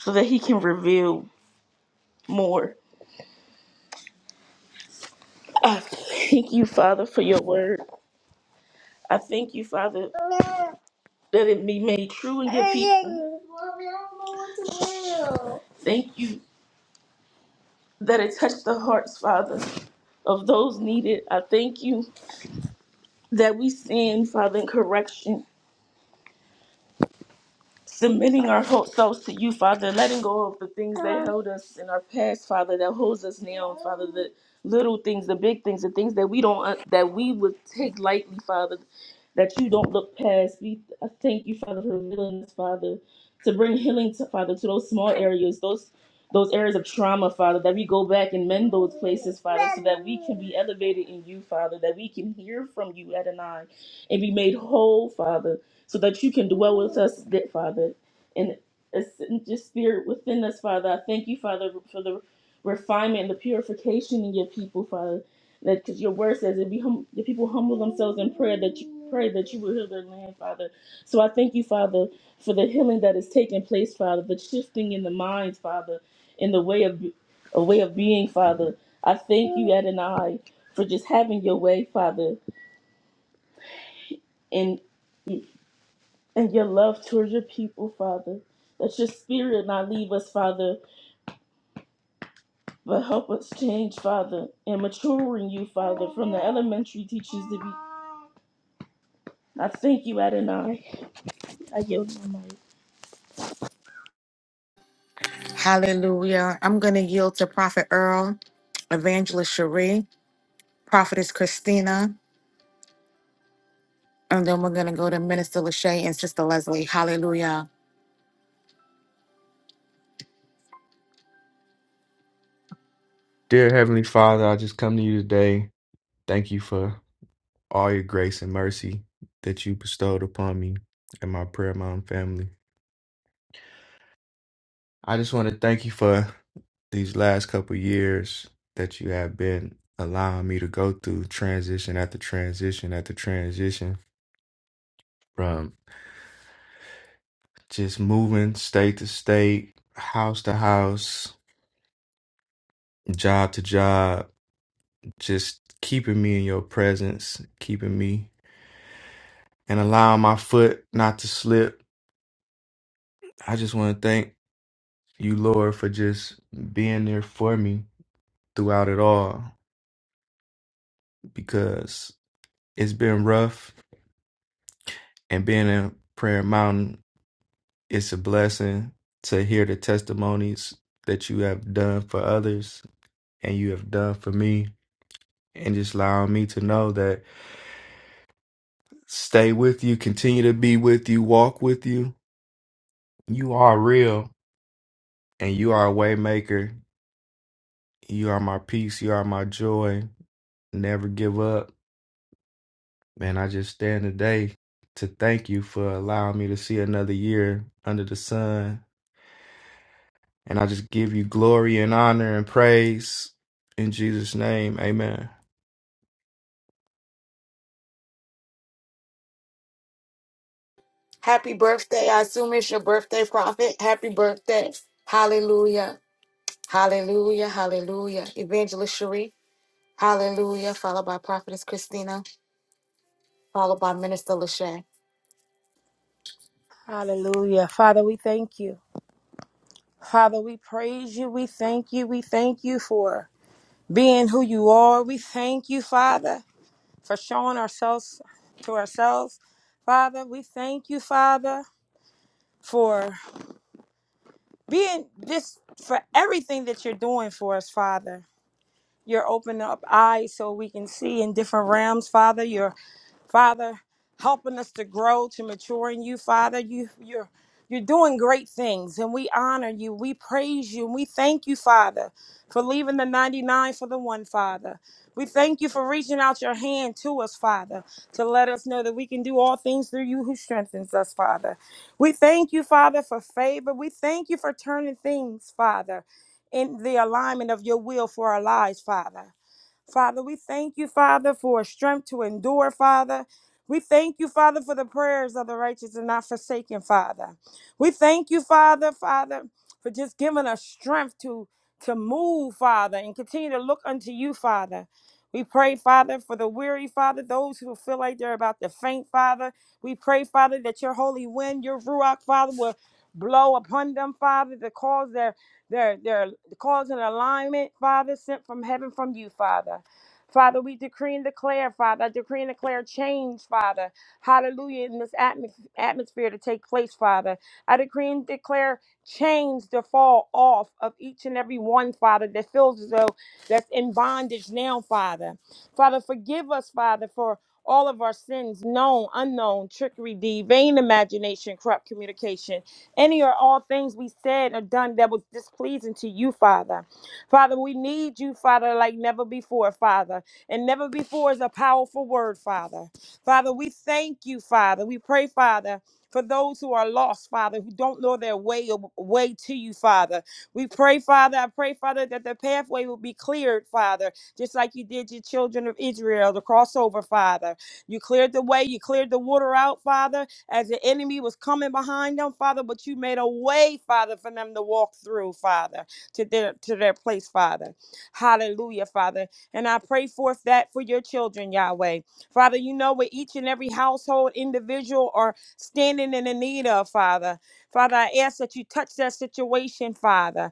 S5: so that he can reveal more. I thank you, Father, for your word. I thank you, Father, that it be made true in your people. Thank you that it touched the hearts, Father, of those needed. I thank you that we stand, Father, in correction. submitting our whole selves to you, Father, letting go of the things that held us in our past, Father, that holds us now, Father, the little things, the big things, the things that we don't uh, that we would take lightly, Father, that you don't look past. We I thank you, Father, for revealing this, Father, to bring healing to Father to those small areas, those those areas of trauma, Father, that we go back and mend those places, Father, so that we can be elevated in you, Father, that we can hear from you, Adonai, and be made whole, Father so that you can dwell with us, that Father, and ascend your spirit within us, Father. I thank you, Father, for the refinement and the purification in your people, Father. That because your word says, if you hum- the people humble themselves in prayer, that you pray that you will heal their land, Father. So I thank you, Father, for the healing that is taking place, Father, the shifting in the minds, Father, in the way of a way of being, Father. I thank you, Adonai, for just having your way, Father, and and your love towards your people, Father. Let your spirit not leave us, Father, but help us change, Father, and maturing you, Father, from the elementary teachers to be. I thank you, Adonai. I yield my mic.
S1: Hallelujah. I'm going to yield to Prophet Earl, Evangelist Cherie, Prophetess Christina, and then we're going to go to Minister Lachey and Sister Leslie. Hallelujah.
S6: Dear Heavenly Father, I just come to you today. Thank you for all your grace and mercy that you bestowed upon me and my prayer mom family. I just want to thank you for these last couple years that you have been allowing me to go through transition after transition after transition from just moving state to state, house to house, job to job, just keeping me in your presence, keeping me and allowing my foot not to slip I just want to thank you, Lord, for just being there for me throughout it all because it's been rough and being in Prayer Mountain, it's a blessing to hear the testimonies that you have done for others and you have done for me and just allowing me to know that stay with you, continue to be with you, walk with you. You are real and you are a way maker. You are my peace, you are my joy. Never give up Man, I just stand today to thank you for allowing me to see another year under the sun. And I just give you glory and honor and praise in Jesus' name. Amen.
S1: Happy birthday. I assume it's your birthday, Prophet. Happy birthday. Hallelujah. Hallelujah. Hallelujah. Evangelist Cherie. Hallelujah. Followed by Prophetess Christina, followed by Minister Lachey.
S7: Hallelujah. Father, we thank you. Father, we praise you. We thank you. We thank you for being who you are. We thank you, Father, for showing ourselves to ourselves. Father, we thank you, Father, for being just for everything that you're doing for us, Father. You're opening up eyes so we can see in different realms, Father. You're Father, helping us to grow, to mature in you, Father. You you're you're doing great things and we honor you. We praise you and we thank you, Father, for leaving the 99 for the one, Father. We thank you for reaching out your hand to us, Father, to let us know that we can do all things through you who strengthens us, Father. We thank you, Father, for favor. We thank you for turning things, Father, in the alignment of your will for our lives, Father. Father, we thank you, Father, for strength to endure, Father. We thank you, Father, for the prayers of the righteous and not forsaken, Father. We thank you, Father, Father, for just giving us strength to to move, Father, and continue to look unto you, Father. We pray, Father, for the weary, Father, those who feel like they're about to faint, Father. We pray, Father, that your holy wind, your Ruach, Father, will blow upon them, Father, to cause their their their cause an alignment, Father, sent from heaven from you, Father. Father, we decree and declare, Father, I decree and declare change, Father. Hallelujah, in this atmos- atmosphere to take place, Father. I decree and declare change to fall off of each and every one, Father, that feels as though that's in bondage now, Father. Father, forgive us, Father, for all of our sins, known, unknown, trickery, deed, vain imagination, corrupt communication. Any or all things we said or done that was displeasing to you, Father. Father, we need you, Father, like never before, Father. And never before is a powerful word, Father. Father, we thank you, Father. We pray, Father. For those who are lost, Father, who don't know their way way to you, Father, we pray, Father. I pray, Father, that the pathway will be cleared, Father, just like you did your children of Israel, the crossover, Father. You cleared the way, you cleared the water out, Father as the enemy was coming behind them, Father, but you made a way, Father, for them to walk through, Father, to their to their place, Father. Hallelujah, Father. And I pray forth that for your children, Yahweh. Father, you know what each and every household individual are standing in the need of, Father. Father, I ask that you touch that situation, Father.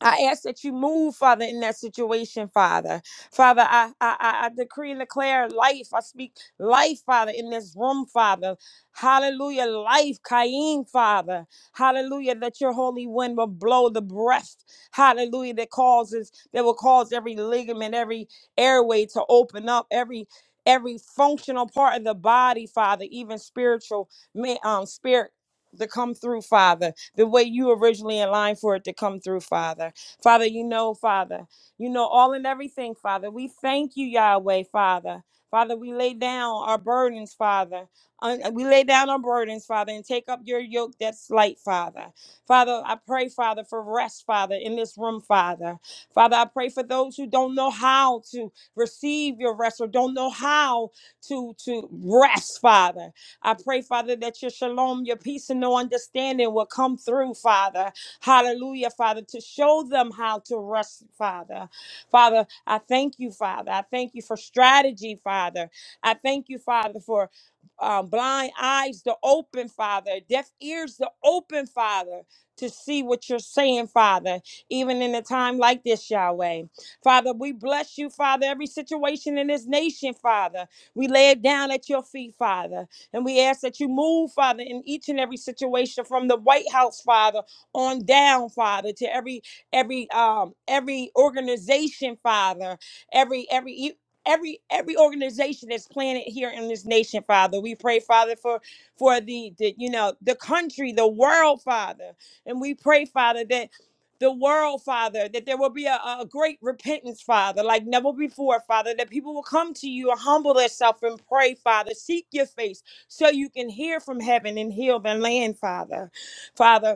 S7: I ask that you move, Father, in that situation, Father. Father, I, I, I I decree and declare life. I speak life, Father, in this room, Father. Hallelujah. Life, Cain, Father. Hallelujah. That your holy wind will blow the breath. Hallelujah. That causes, that will cause every ligament, every airway to open up, every every functional part of the body, Father, even spiritual, ma- um, spirit to come through, Father, the way you originally aligned for it to come through, Father. Father, you know, Father, you know all and everything, Father. We thank you, Yahweh, Father. Father, we lay down our burdens, Father. Un- uh, We lay down our burdens, Father, and take up your yoke that's light, Father. Father, I pray, Father, for rest, Father, in this room, Father. Father, I pray for those who don't know how to receive your rest or don't know how to, to rest, Father. I pray, Father, that your shalom, your peace, and no understanding will come through, Father. Hallelujah, Father, to show them how to rest, Father. Father, I thank you, Father. I thank you for strategy, Father. I thank you, Father, for um, blind eyes to open, Father, deaf ears to open, Father, to see what you're saying, Father, even in a time like this, Yahweh. Father, we bless you, Father, every situation in this nation, Father. We lay it down at your feet, Father, and we ask that you move, Father, in each and every situation from the White House, Father on down, Father, to every every um every organization, Father, every every you- every every organization that's planted here in this nation, Father. We pray, Father, for for the, the you know the country, the world, Father, and we pray, Father, that the world, Father, that there will be a, a great repentance, Father, like never before, Father, that people will come to you and humble themselves and pray, Father. Seek your face so you can hear from heaven and heal the land, Father. Father.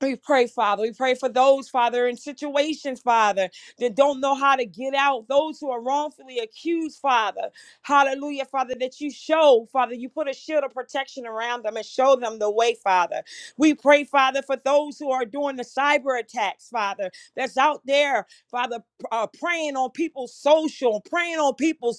S7: We pray, Father. We pray for those, Father, in situations, Father, that don't know how to get out. Those who are wrongfully accused, Father. Hallelujah, Father, that you show, Father, you put a shield of protection around them and show them the way, Father. We pray, Father, for those who are doing the cyber attacks, Father, that's out there, Father, uh, preying on people's social, praying on people's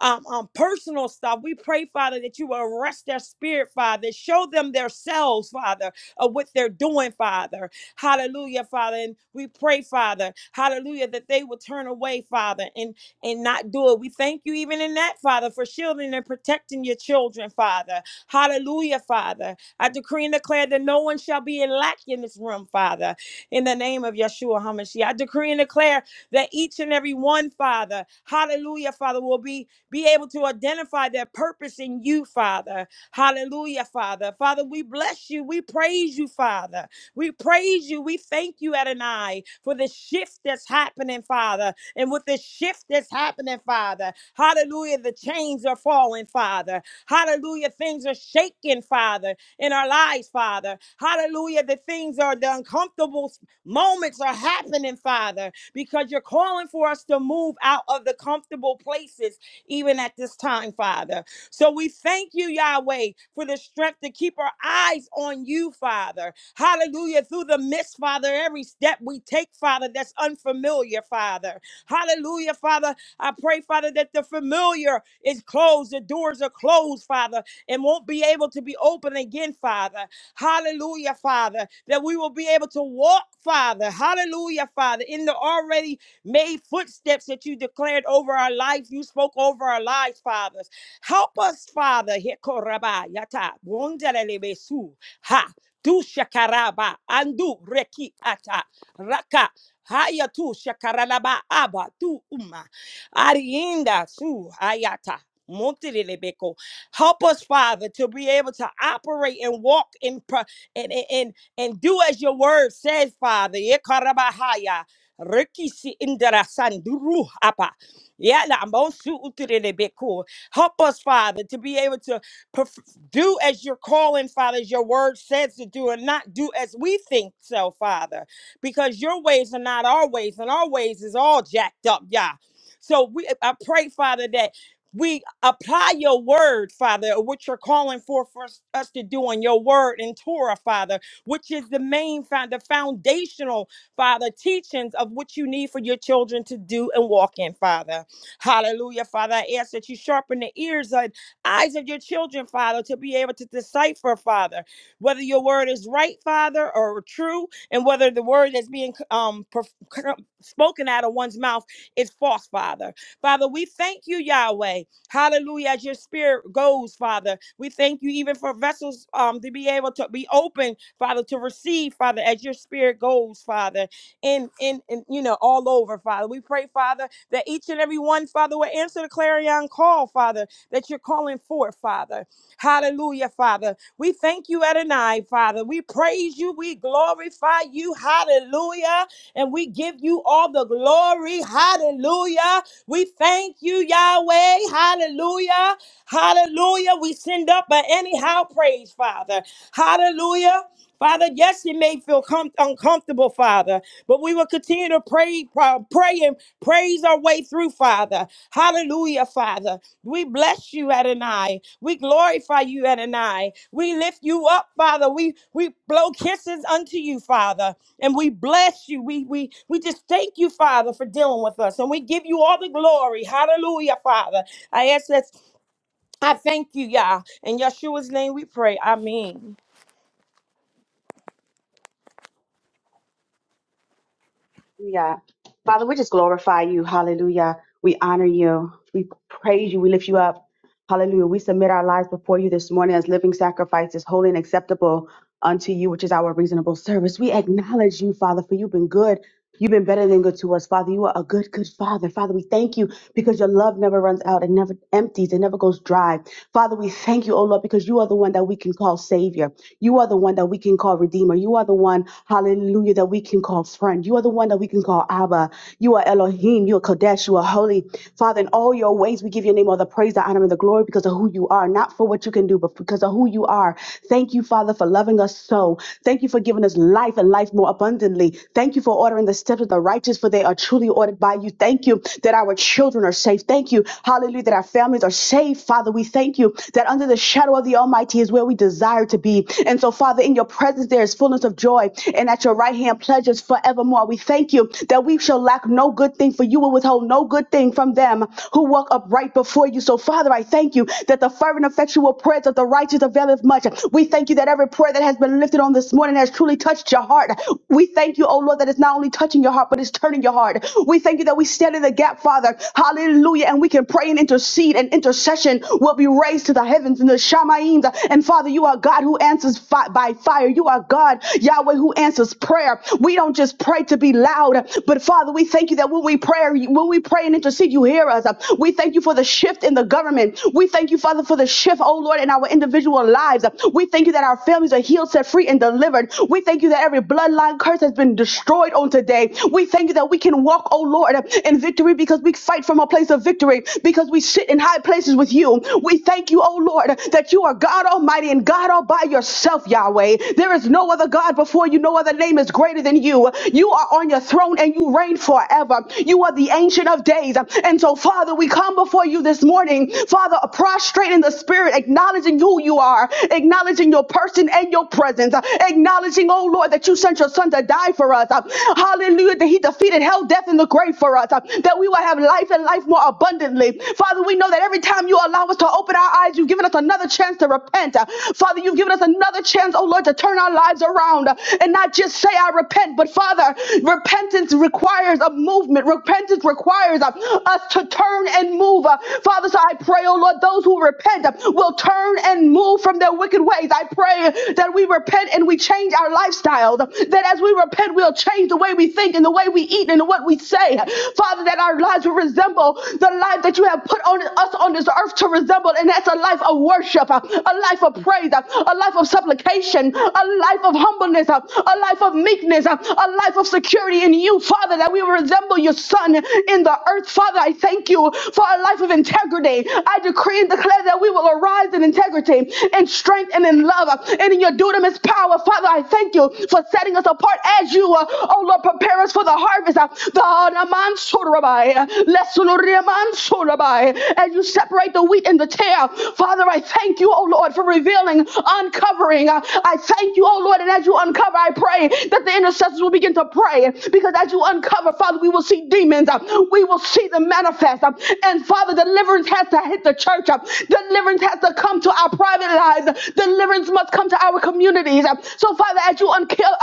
S7: um, um, personal stuff. We pray, Father, that you will arrest their spirit, Father. Show them themselves, Father, of what they're doing, Father. Hallelujah, Father. And we pray, Father, hallelujah, that they will turn away, Father, and, and not do it. We thank you even in that, Father, for shielding and protecting your children, Father. Hallelujah, Father. I decree and declare that no one shall be in lack in this room, Father, in the name of Yeshua HaMashiach. I decree and declare that each and every one, Father, hallelujah, Father, will be, be able to identify their purpose in you, Father. Hallelujah, Father. Father, we bless you. We praise you, Father. We praise you. We thank you, Adonai, for the shift that's happening, Father. And with the shift that's happening, Father, hallelujah, the chains are falling, Father. Hallelujah, things are shaking, Father, in our lives, Father. Hallelujah, the things are the uncomfortable Moments are happening, Father, because you're calling for us to move out of the comfortable places, even at this time, Father. So we thank you, Yahweh, for the strength to keep our eyes on you, Father. Hallelujah. Through the midst, Father, every step we take, Father, that's unfamiliar, Father. Hallelujah, Father. I pray, Father, that the familiar is closed, the doors are closed, Father, and won't be able to be opened again, Father. Hallelujah, Father, that we will be able to walk, Father. Hallelujah, Father, in the already made footsteps that you declared over our life, you spoke over our lives, Fathers. Help us, Father. Hekoraba yata ha. Du reki ata raka Haya tu shakaralaba aba tu uma. Arienda su hayata. Montelebeko. Help us, Father, to be able to operate and walk in pro- and, and, and, and do as your word says, Father. Yekarabahaya. Rikisi indara sanduru apa. Yala monsu utelebeko. Help us, Father, to be able to perf- do as you're calling, Father, as your word says to do, and not do as we think so, Father because your ways are not our ways, and our ways is all jacked up, Yah. So we, I pray, Father, that we apply your word, Father, what you're calling for for us, us to do on your word and Torah, Father, which is the main, found, the foundational, Father, teachings of what you need for your children to do and walk in, Father. Hallelujah, Father. I ask that you sharpen the ears and eyes of your children, Father, to be able to decipher, Father, whether your word is right, Father, or true, and whether the word that's being um perf- spoken out of one's mouth is false, Father. Father, we thank you, Yahweh. Hallelujah. As your spirit goes, Father, we thank you even for vessels um to be able to be open, Father, to receive, Father, as your spirit goes, Father, in in, in you know all over, Father. We pray, Father, that each and every one, Father, will answer the clarion call, Father, that you're calling forth, Father. Hallelujah, Father. We thank you, Adonai, Father. We praise you. We glorify you. Hallelujah. And we give you all the glory. Hallelujah. We thank you, Yahweh. Hallelujah. Hallelujah. We send up an anyhow praise, Father. Hallelujah. Father, yes, it may feel com- uncomfortable, Father, but we will continue to pray, pray pray and praise our way through, Father. Hallelujah, Father. We bless you, Adonai. We glorify you, Adonai. We lift you up, Father. We we blow kisses unto you, Father. And we bless you. We we we just thank you, Father, for dealing with us. And we give you all the glory. Hallelujah, Father. I ask that I thank you, Yah. In Yeshua's name we pray. Amen.
S8: Hallelujah. Father, we just glorify you. Hallelujah. We honor you. We praise you. We lift you up. Hallelujah. We submit our lives before you this morning as living sacrifices, holy and acceptable unto you, which is our reasonable service. We acknowledge you, Father, for you've been good You've been better than good to us, Father. You are a good, good Father. Father, we thank you because your love never runs out and never empties and never goes dry. Father, we thank you, oh Lord, because you are the one that we can call Savior. You are the one that we can call Redeemer. You are the one, hallelujah, that we can call friend. You are the one that we can call Abba. You are Elohim. You are Kodesh. You are holy. Father, in all your ways, we give your name all the praise, the honor, and the glory because of who you are, not for what you can do, but because of who you are. Thank you, Father, for loving us so. Thank you for giving us life and life more abundantly abundantly. Thank you for ordering the steps of the righteous, for they are truly ordered by you. Thank you that our children are safe. Thank you, hallelujah, that our families are safe. Father, we thank you that under the shadow of the Almighty is where we desire to be. And so, Father, in your presence there is fullness of joy, and at your right hand pleasures forevermore. We thank you that we shall lack no good thing, for you will withhold no good thing from them who walk upright before you. So, Father, I thank you that the fervent, effectual prayers of the righteous availeth much. We thank you that every prayer that has been lifted on this morning this morning has truly touched your heart. We thank you, oh Lord, that it's not only touching your heart, but it's turning your heart. We thank you that we stand in the gap, Father. Hallelujah. And we can pray and intercede, and intercession will be raised to the heavens and the Shamaim. And Father, you are God who answers fi- by fire. You are God, Yahweh, who answers prayer. We don't just pray to be loud, but Father, we thank you that when we pray, when we pray and intercede, you hear us. We thank you for the shift in the government. We thank you, Father, for the shift, oh Lord, in our individual lives. We thank you that that our families are healed, set free, and delivered. We thank you that every bloodline curse has been destroyed on today. We thank you that we can walk, oh Lord, in victory because we fight from a place of victory, because we sit in high places with you. We thank you, oh Lord, that you are God Almighty and God all by yourself, Yahweh. There is no other God before you, no other name is greater than you. You are on your throne and you reign forever. You are the ancient of days. And so, Father, we come before you this morning, Father, prostrate in the spirit, acknowledging you who you are, acknowledging your person and your presence, uh, acknowledging, oh Lord, that you sent your son to die for us. uh, Hallelujah, that he defeated hell, death, and the grave for us, uh, that we will have life and life more abundantly. Father, we know that every time you allow us to open our eyes, you've given us another chance to repent. Uh, Father, you've given us another chance, oh Lord, to turn our lives around uh, and not just say, I repent, but Father, repentance requires a movement. Repentance requires uh, us to turn and move. Uh, Father, so I pray, oh Lord, those who those who repent will turn and move from their wicked ways. I pray that we repent and we change our lifestyle. That as we repent, we'll change the way we think and the way we eat and what we say. Father, that our lives will resemble the life that you have put on us on this earth to resemble. And that's a life of worship, a life of praise, a life of supplication, a life of humbleness, a life of meekness, a life of security in you, Father, that we will resemble your Son in the earth. Father, I thank you for a life of integrity. I decree and declare that we will arise in integrity, in strength, and in love, and in your dunamis power. Father, I thank you for setting us apart as you, uh, oh Lord, prepare us for the harvest. uh, The Anaman Sorabai, uh, Lesuluriaman as you separate the wheat and the tare. Father, I thank you, oh Lord, for revealing, uncovering. Uh, I thank you, oh Lord, and as you uncover, I pray that the intercessors will begin to pray because as you uncover, Father, we will see demons. uh, We will see them season manifest. Um, And Father, deliverance has to hit the church. Um, Deliverance has to come to our private lives. Deliverance must come to our communities. Um, So, Father, as you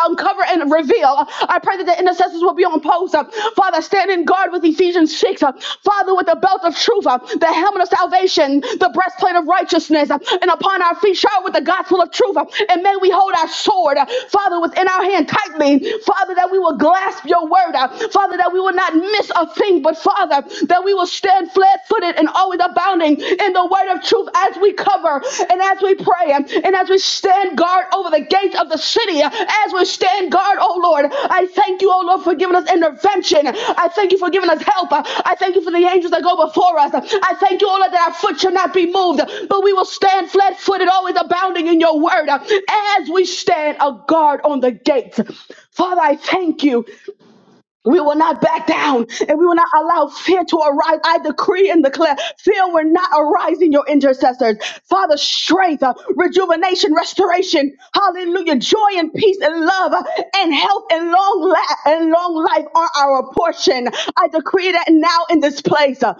S8: uncover and reveal, uh, I pray that the intercessors will be on post. Um, Father, stand in guard with Ephesians 6. Um, Father, with the belt of truth, um, the helmet of salvation, the breastplate of righteousness, um, and upon our feet, shower with the gospel of truth. um, And may we hold our sword, uh, Father, within our hand tightly. Father, that we will grasp your word. uh, Father, that we will not will not miss a thing, but Father, that we will stand flat footed and always abounding in the word of truth as we cover and as we pray and as we stand guard over the gates of the city, as we stand guard, oh Lord. I thank you, oh Lord, for giving us intervention. I thank you for giving us help. I thank you for the angels that go before us. I thank you, oh Lord, that our foot shall not be moved, but we will stand flat footed, always abounding in your word as we stand a guard on the gates. Father, I thank you we will not back down and we will not allow fear to arise. I decree and declare fear will not arise in your intercessors. Father, strength, uh, rejuvenation, restoration, hallelujah, joy and peace and love uh, and health and long, la- and long life are our portion. I decree that now in this place. uh,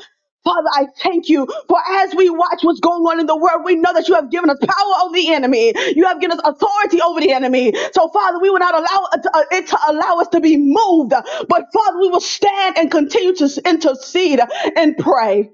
S8: Father, I thank you for as we watch what's going on in the world, we know that you have given us power over the enemy. You have given us authority over the enemy. So, Father, we will not allow it to, uh, it to allow us to be moved, but Father, we will stand and continue to s- intercede and pray.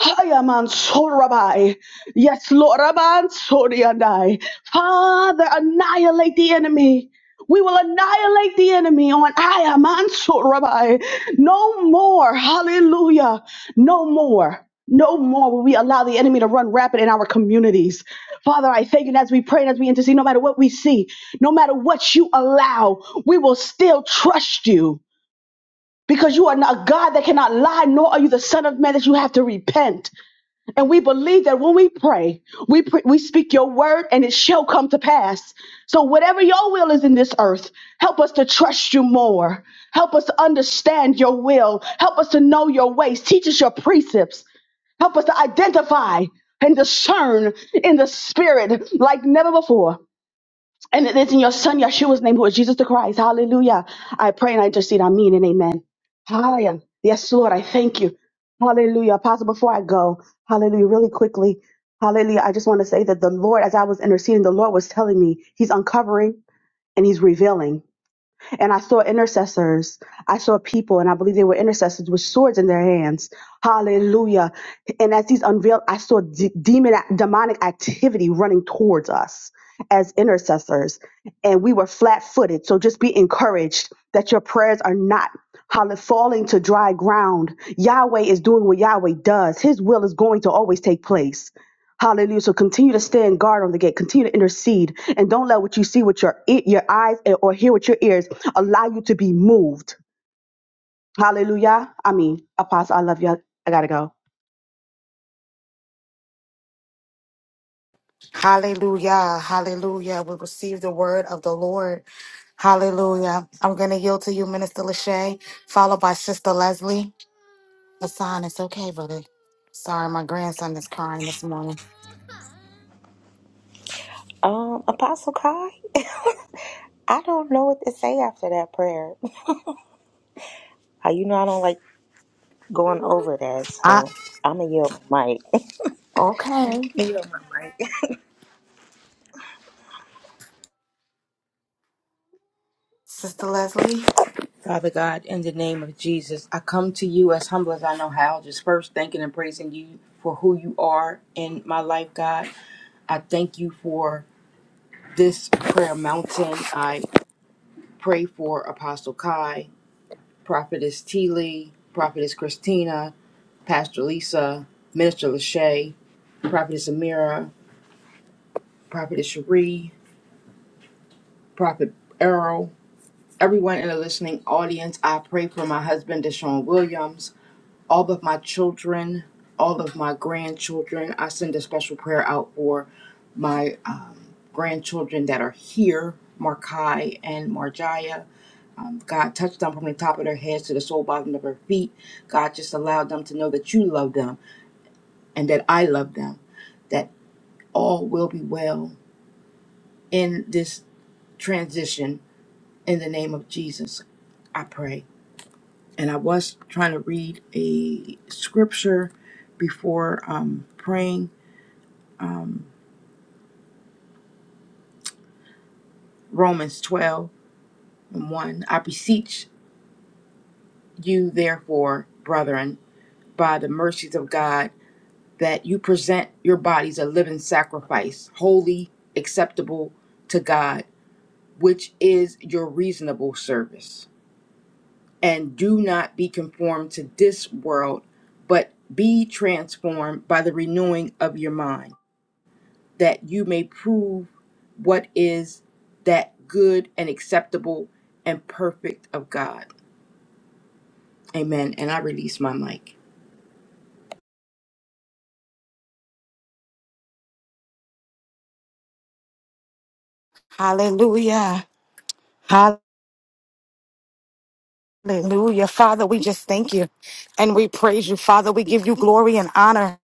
S8: Hayaman Sorabai. Yes, Lord Aban Soriandai. Father, annihilate the enemy. We will annihilate the enemy on Ayaman Sorabai. No more. Hallelujah. No more. No more will we allow the enemy to run rapid in our communities. Father, I thank you and as we pray and as we intercede, no matter what we see, no matter what you allow, we will still trust you because you are not a God that cannot lie, nor are you the Son of Man that you have to repent. And we believe that when we pray, we pr- we speak your word and it shall come to pass. So whatever your will is in this earth, help us to trust you more. Help us to understand your will. Help us to know your ways. Teach us your precepts. Help us to identify and discern in the spirit like never before. And it is in your son Yeshua's name, who is Jesus the Christ. Hallelujah. I pray and I intercede. I mean and amen. Hallelujah. Yes, Lord, I thank you. Hallelujah. Apostle, before I go, hallelujah, really quickly. Hallelujah. I just want to say that the Lord, as I was interceding, the Lord was telling me he's uncovering and he's revealing and I saw intercessors. I saw people, and I believe they were intercessors with swords in their hands. Hallelujah. And as these unveiled, I saw de- demon, demonic activity running towards us as intercessors, and we were flat footed. So just be encouraged that your prayers are not. Hallelujah, falling to dry ground. Yahweh is doing what Yahweh does. His will is going to always take place. Hallelujah. So continue to stand guard on the gate. Continue to intercede. And don't let what you see with your, e- your eyes or hear with your ears allow you to be moved. Hallelujah. I mean, Apostle, I love you. I gotta go.
S1: Hallelujah. Hallelujah. We receive the word of the Lord. Hallelujah. I'm going to yield to you, Minister Lachey, followed by Sister Leslie. Hassan, it's okay, buddy. Sorry, my grandson is crying this morning.
S4: Um, Apostle Kai, I don't know what to say after that prayer. How you know I don't like going over that,
S1: I,
S4: so I'm gonna yield my mic.
S1: okay. Sister Leslie.
S9: Father God, in the name of Jesus, I come to you as humble as I know how, just first thanking and praising you for who you are in my life, God. I thank you for this prayer mountain. I pray for Apostle Kai, Prophetess T. Lee, Prophetess Christina, Pastor Lisa, Minister Lachey, Prophetess Amira, Prophetess Cherie, Prophet Errol, everyone in the listening audience. I pray for my husband, Deshaun Williams. all of my children, all of my grandchildren. I send a special prayer out for my um, grandchildren that are here, Markai and Marjaya. Um, God touched them from the top of their heads to the sole bottom of their feet. God just allowed them to know that you love them and that I love them, that all will be well in this transition. In the name of Jesus, I pray. And I was trying to read a scripture before um, praying, um, Romans 12 and 1. I beseech you, therefore, brethren, by the mercies of God, that you present your bodies a living sacrifice, holy, acceptable to God, which is your reasonable service. And do not be conformed to this world, but be transformed by the renewing of your mind, that you may prove what is that good and acceptable and perfect of God. Amen. And I release my mic.
S1: Hallelujah. Hallelujah. Father, we just thank you and we praise you. Father, we give you glory and honor.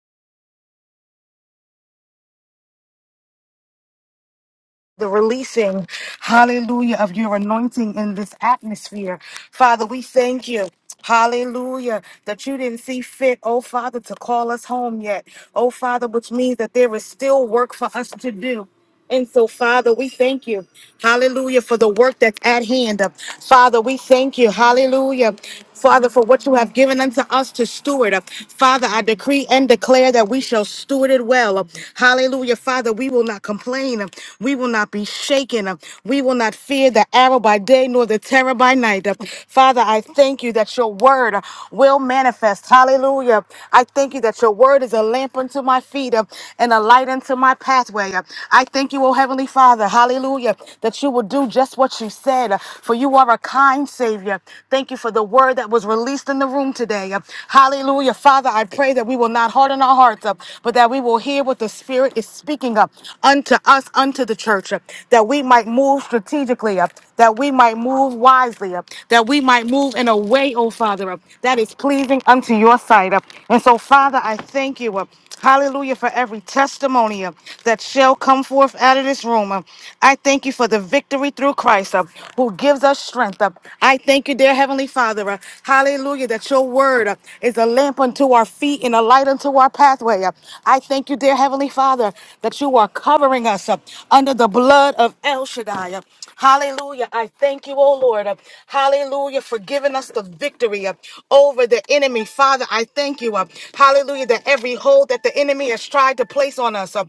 S1: the releasing, hallelujah, of your anointing in this atmosphere. Father, we thank you. Hallelujah, that you didn't see fit, oh Father, to call us home yet. Oh Father, which means that there is still work for us to do. And so, Father, we thank you, hallelujah, for the work that's at hand. Father, we thank you, hallelujah, Father, for what you have given unto us to steward. Father, I decree and declare that we shall shall steward it well. Hallelujah. Father, we will not complain. We will not be shaken. We will not fear the arrow by day nor the terror by night. Father, I thank you that your word will manifest. Hallelujah. I thank you that your word is a lamp unto my feet uh, and a light unto my pathway. Uh, I thank you, O Heavenly Father. Hallelujah. That you will do just what you said, uh, for you are a kind Savior. Thank you for the word that was released released in the room today. Hallelujah. Father, I pray that we will not harden our hearts up, but that we will hear what the Spirit is speaking up unto us, unto the church, that we might move strategically up, that we might move wisely up, that we might move in a way, oh Father, up, that is pleasing unto your sight up. And so, Father, I thank you up. Hallelujah for every testimony uh, that shall come forth out of this room. Uh, I thank you for the victory through Christ. Christ, uh, who gives us strength. uh, I thank you, dear Heavenly Father. uh, Hallelujah, that your word uh, is a lamp unto our feet and a light unto our pathway. uh. I thank you, dear Heavenly Father, that you are covering us uh, under the blood of El Shaddai. uh. Hallelujah. I thank you, oh Lord. uh, Hallelujah, for giving us the victory uh, over the enemy. Father, I thank you. uh, Hallelujah, that every hold that the enemy has tried to place on us, uh,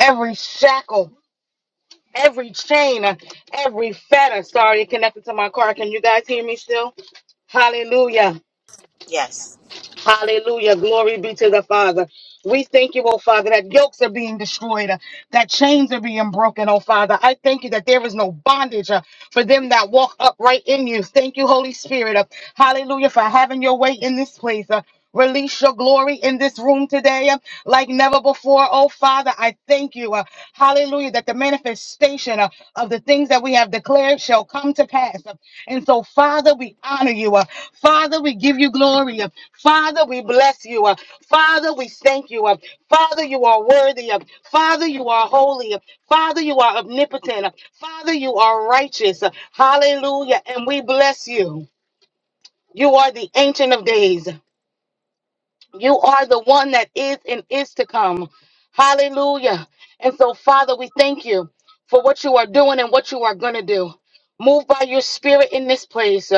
S1: every shackle. Every chain, uh, every fetter started connected to my car. Can you guys hear me still? Hallelujah.
S4: Yes.
S1: Hallelujah. Glory be to the Father. We thank you, oh Father, that yokes are being destroyed, uh, that chains are being broken, oh Father. I thank you that there is no bondage uh, for them that walk upright in you. Thank you, Holy Spirit. uh, hallelujah, for having your way in this place. uh, Release your glory in this room today uh, like never before. Oh, Father, I thank you. uh, hallelujah. That the manifestation uh, of the things that we have declared shall come to pass. Uh, and so, Father, we honor you. uh, Father, we give you glory. uh, Father, we bless you. uh, Father, we thank you. uh, Father, you are worthy. uh, Father, you are holy. uh, Father, you are omnipotent. uh, Father, you are righteous. uh, hallelujah. And we bless you. You are the ancient of days. You are the one that is and is to come. Hallelujah. And so, Father, we thank you for what you are doing and what you are going to do. Move by your spirit in this place.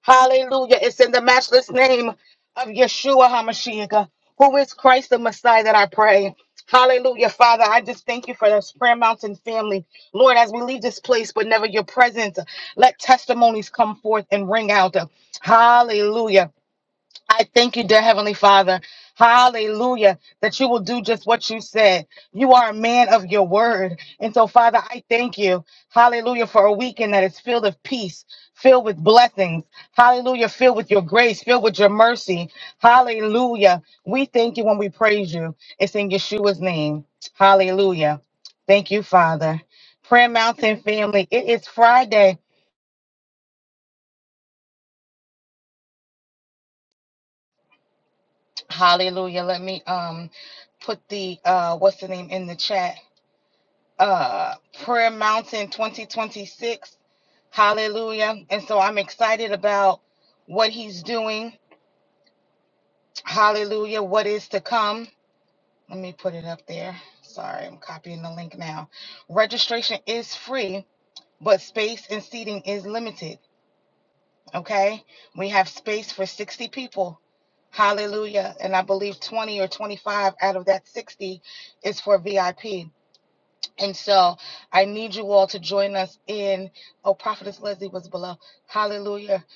S1: Hallelujah. It's in the matchless name of Yeshua HaMashiach, who is Christ the Messiah, that I pray. Hallelujah, Father. I just thank you for this Prayer Mountain family. Lord, as we leave this place, but never your presence, let testimonies come forth and ring out. Hallelujah. I thank you, dear Heavenly Father. Hallelujah, that you will do just what you said. You are a man of your word. And so, Father, I thank you. Hallelujah, for a weekend that is filled with peace, filled with blessings. Hallelujah, filled with your grace, filled with your mercy. Hallelujah. We thank you when we praise you. It's in Yeshua's name. Hallelujah. Thank you, Father. Prayer Mountain family, it is Friday. Hallelujah. Let me um put the uh what's the name in the chat. uh Prayer Mountain 2026. Hallelujah. And so I'm excited about what he's doing. Hallelujah. What is to come. Let me put it up there. Sorry, I'm copying the link now. Registration is free but space and seating is limited. Okay, we have space for 60 people. Hallelujah. And I believe 20 or 25 out of that 60 is for VIP. And so I need you all to join us in, oh, Prophetess Leslie was below. Hallelujah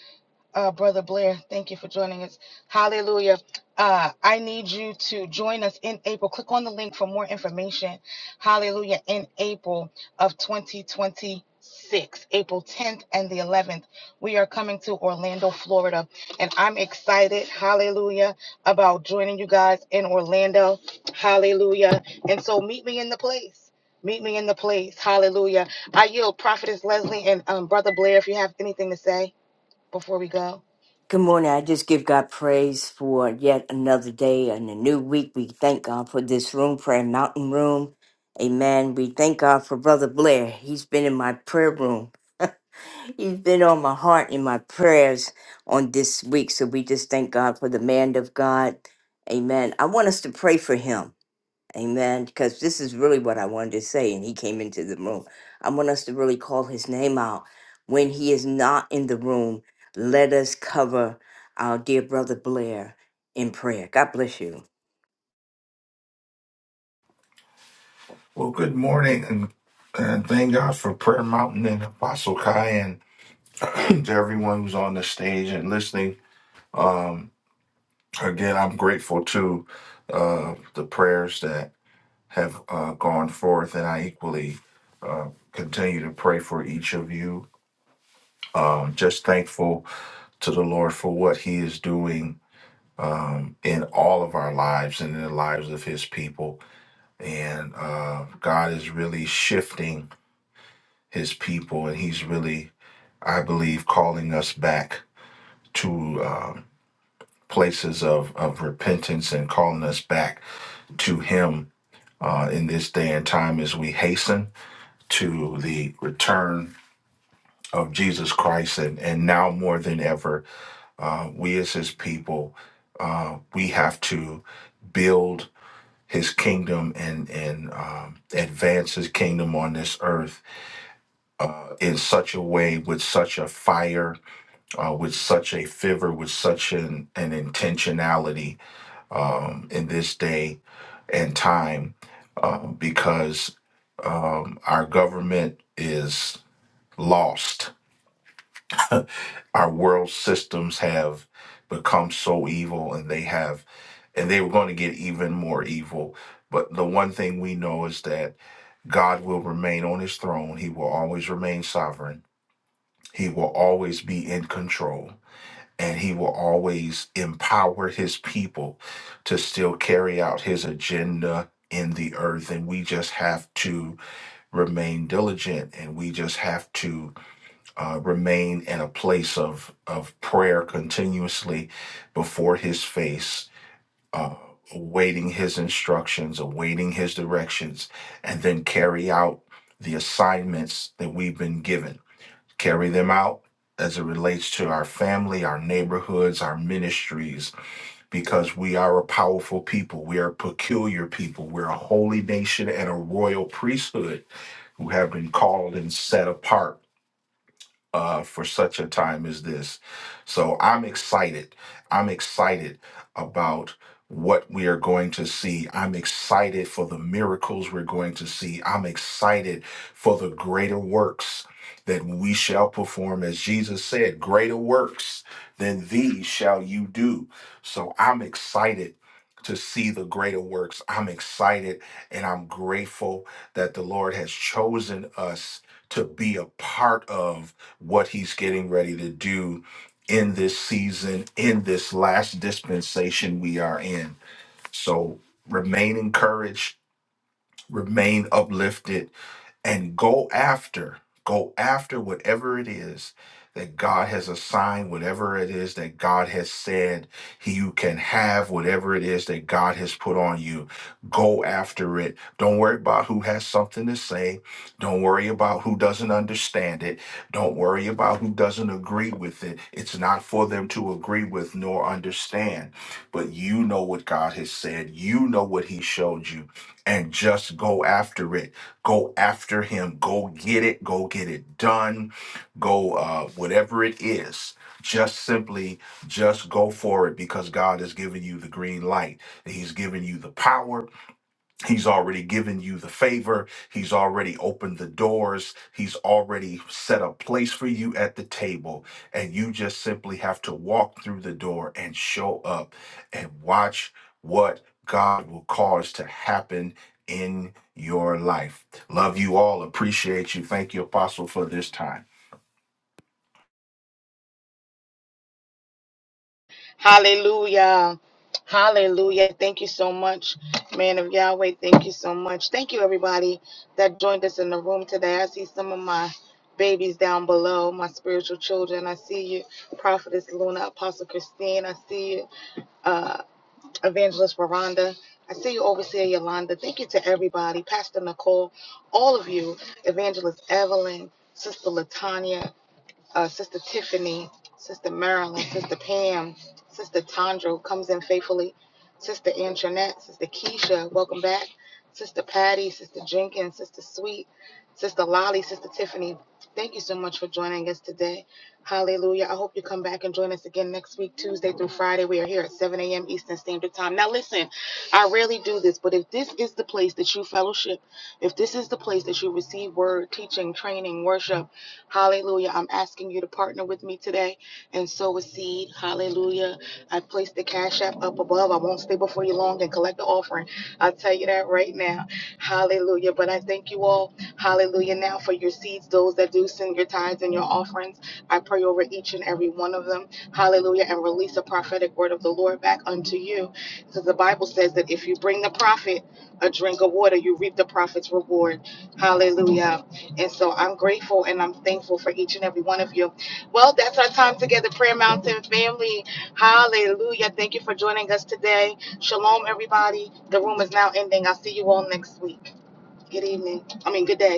S1: uh, Brother Blair. Thank you for joining us. Hallelujah. Uh, I need you to join us in April. Click on the link for more information. Hallelujah. In April of 2026, April 10th and the 11th, we are coming to Orlando, Florida. And I'm excited, hallelujah, about joining you guys in Orlando. Hallelujah. And so meet me in the place. Meet me in the place. Hallelujah. I yield Prophetess Leslie and um, Brother Blair if you have anything to say before we go.
S10: Good morning. I just give God praise for yet another day and a new week. We thank God for this room, Prayer Mountain Room. Amen. We thank God for Brother Blair. He's been in my prayer room. He's been on my heart in my prayers on this week. So we just thank God for the man of God. Amen. I want us to pray for him. Amen. Because this is really what I wanted to say. And he came into the room. I want us to really call his name out. When he is not in the room, let us cover our dear brother Blair in prayer. God bless you.
S11: Well, good morning, and, and thank God for Prayer Mountain and Apostle Kai, and to everyone who's on the stage and listening. Again, I'm grateful to uh, the prayers that have uh, gone forth, and I equally uh, continue to pray for each of you. Um, just thankful to the Lord for what He is doing in all of our lives and in the lives of His people. And uh, God is really shifting His people, and He's really I believe, calling us back to uh, places of, of repentance and calling us back to Him uh, in this day and time as we hasten to the return of Jesus Christ. And, and now more than ever, uh, we as His people, uh, we have to build His kingdom and, and um, advance His kingdom on this earth uh, in such a way with such a fire uh, with such a fervor, with such an, an intentionality um, in this day and time, uh, because um, our government is lost. Our world systems have become so evil, and they have, and they were going to get even more evil. But the one thing we know is that God will remain on his throne. He will always remain sovereign. He will always be in control and he will always empower his people to still carry out his agenda in the earth and we just have to remain diligent and we just have to uh, remain in a place of of prayer continuously before his face uh, awaiting his instructions awaiting his directions and then carry out the assignments that we've been given carry them out as it relates to our family, our neighborhoods, our ministries, because we are a powerful people. We are a peculiar people. We're a holy nation and a royal priesthood who have been called and set apart uh, for such a time as this. So I'm excited. I'm excited about what we are going to see. I'm excited for the miracles we're going to see. I'm excited for the greater works that we shall perform. As Jesus said, greater works than these shall you do. So I'm excited. To see the greater works. I'm excited and I'm grateful that the Lord has chosen us to be a part of what he's getting ready to do in this season, in this last dispensation we are in. So remain encouraged, remain uplifted and go after go after whatever it is that God has assigned whatever it is that God has said he- you can have whatever it is that God has put on you go after it don't worry about who has something to say don't worry about who doesn't understand it don't worry about who doesn't agree with it it's not for them to agree with nor understand but you know what God has said you know what he showed you and just go after it Go after him. Go get it. Go get it done. Go, uh, whatever it is. Just simply, just go for it because God has given you the green light. He's given you the power. He's already given you the favor. He's already opened the doors. He's already set a place for you at the table. And you just simply have to walk through the door and show up and watch what God will cause to happen in your life. Love you all. Appreciate you. Thank you, Apostle, for this time.
S1: Hallelujah. Hallelujah. Thank you so much, man of Yahweh. Thank you so much. Thank you, everybody that joined us in the room today. I see some of my babies down below, my spiritual children. I see you, Prophetess Luna, Apostle Christine. I see you, uh, Evangelist Veranda. I see you, Overseer Yolanda. Thank you to everybody, Pastor Nicole, all of you, Evangelist Evelyn, Sister Latanya uh, Sister Tiffany, Sister Marilyn, Sister Pam, Sister Tondra comes in faithfully, Sister Antoinette, Sister Keisha, welcome back, Sister Patty, Sister Jenkins, Sister Sweet, Sister Lolly, Sister Tiffany. Thank you so much for joining us today. Hallelujah. I hope you come back and join us again next week, Tuesday through Friday. We are here at 7 a.m. Eastern Standard Time. Now, listen, I rarely do this, but if this is the place that you fellowship, if this is the place that you receive word, teaching, training, worship, hallelujah, I'm asking you to partner with me today and sow a seed. Hallelujah. I placed the cash app up above. I won't stay before you long and collect the offering. I'll tell you that right now. Hallelujah. But I thank you all, hallelujah, now for your seeds, those that do send your tithes and your offerings. I pray over each and every one of them. Hallelujah. And release a prophetic word of the Lord back unto you. Because the Bible says that if you bring the prophet a drink of water, you reap the prophet's reward. Hallelujah. And so I'm grateful and I'm thankful for each and every one of you. Well, that's our time together, Prayer Mountain family. Hallelujah. Thank you for joining us today. Shalom, everybody. The room is now ending. I'll see you all next week. Good evening. I mean, good day.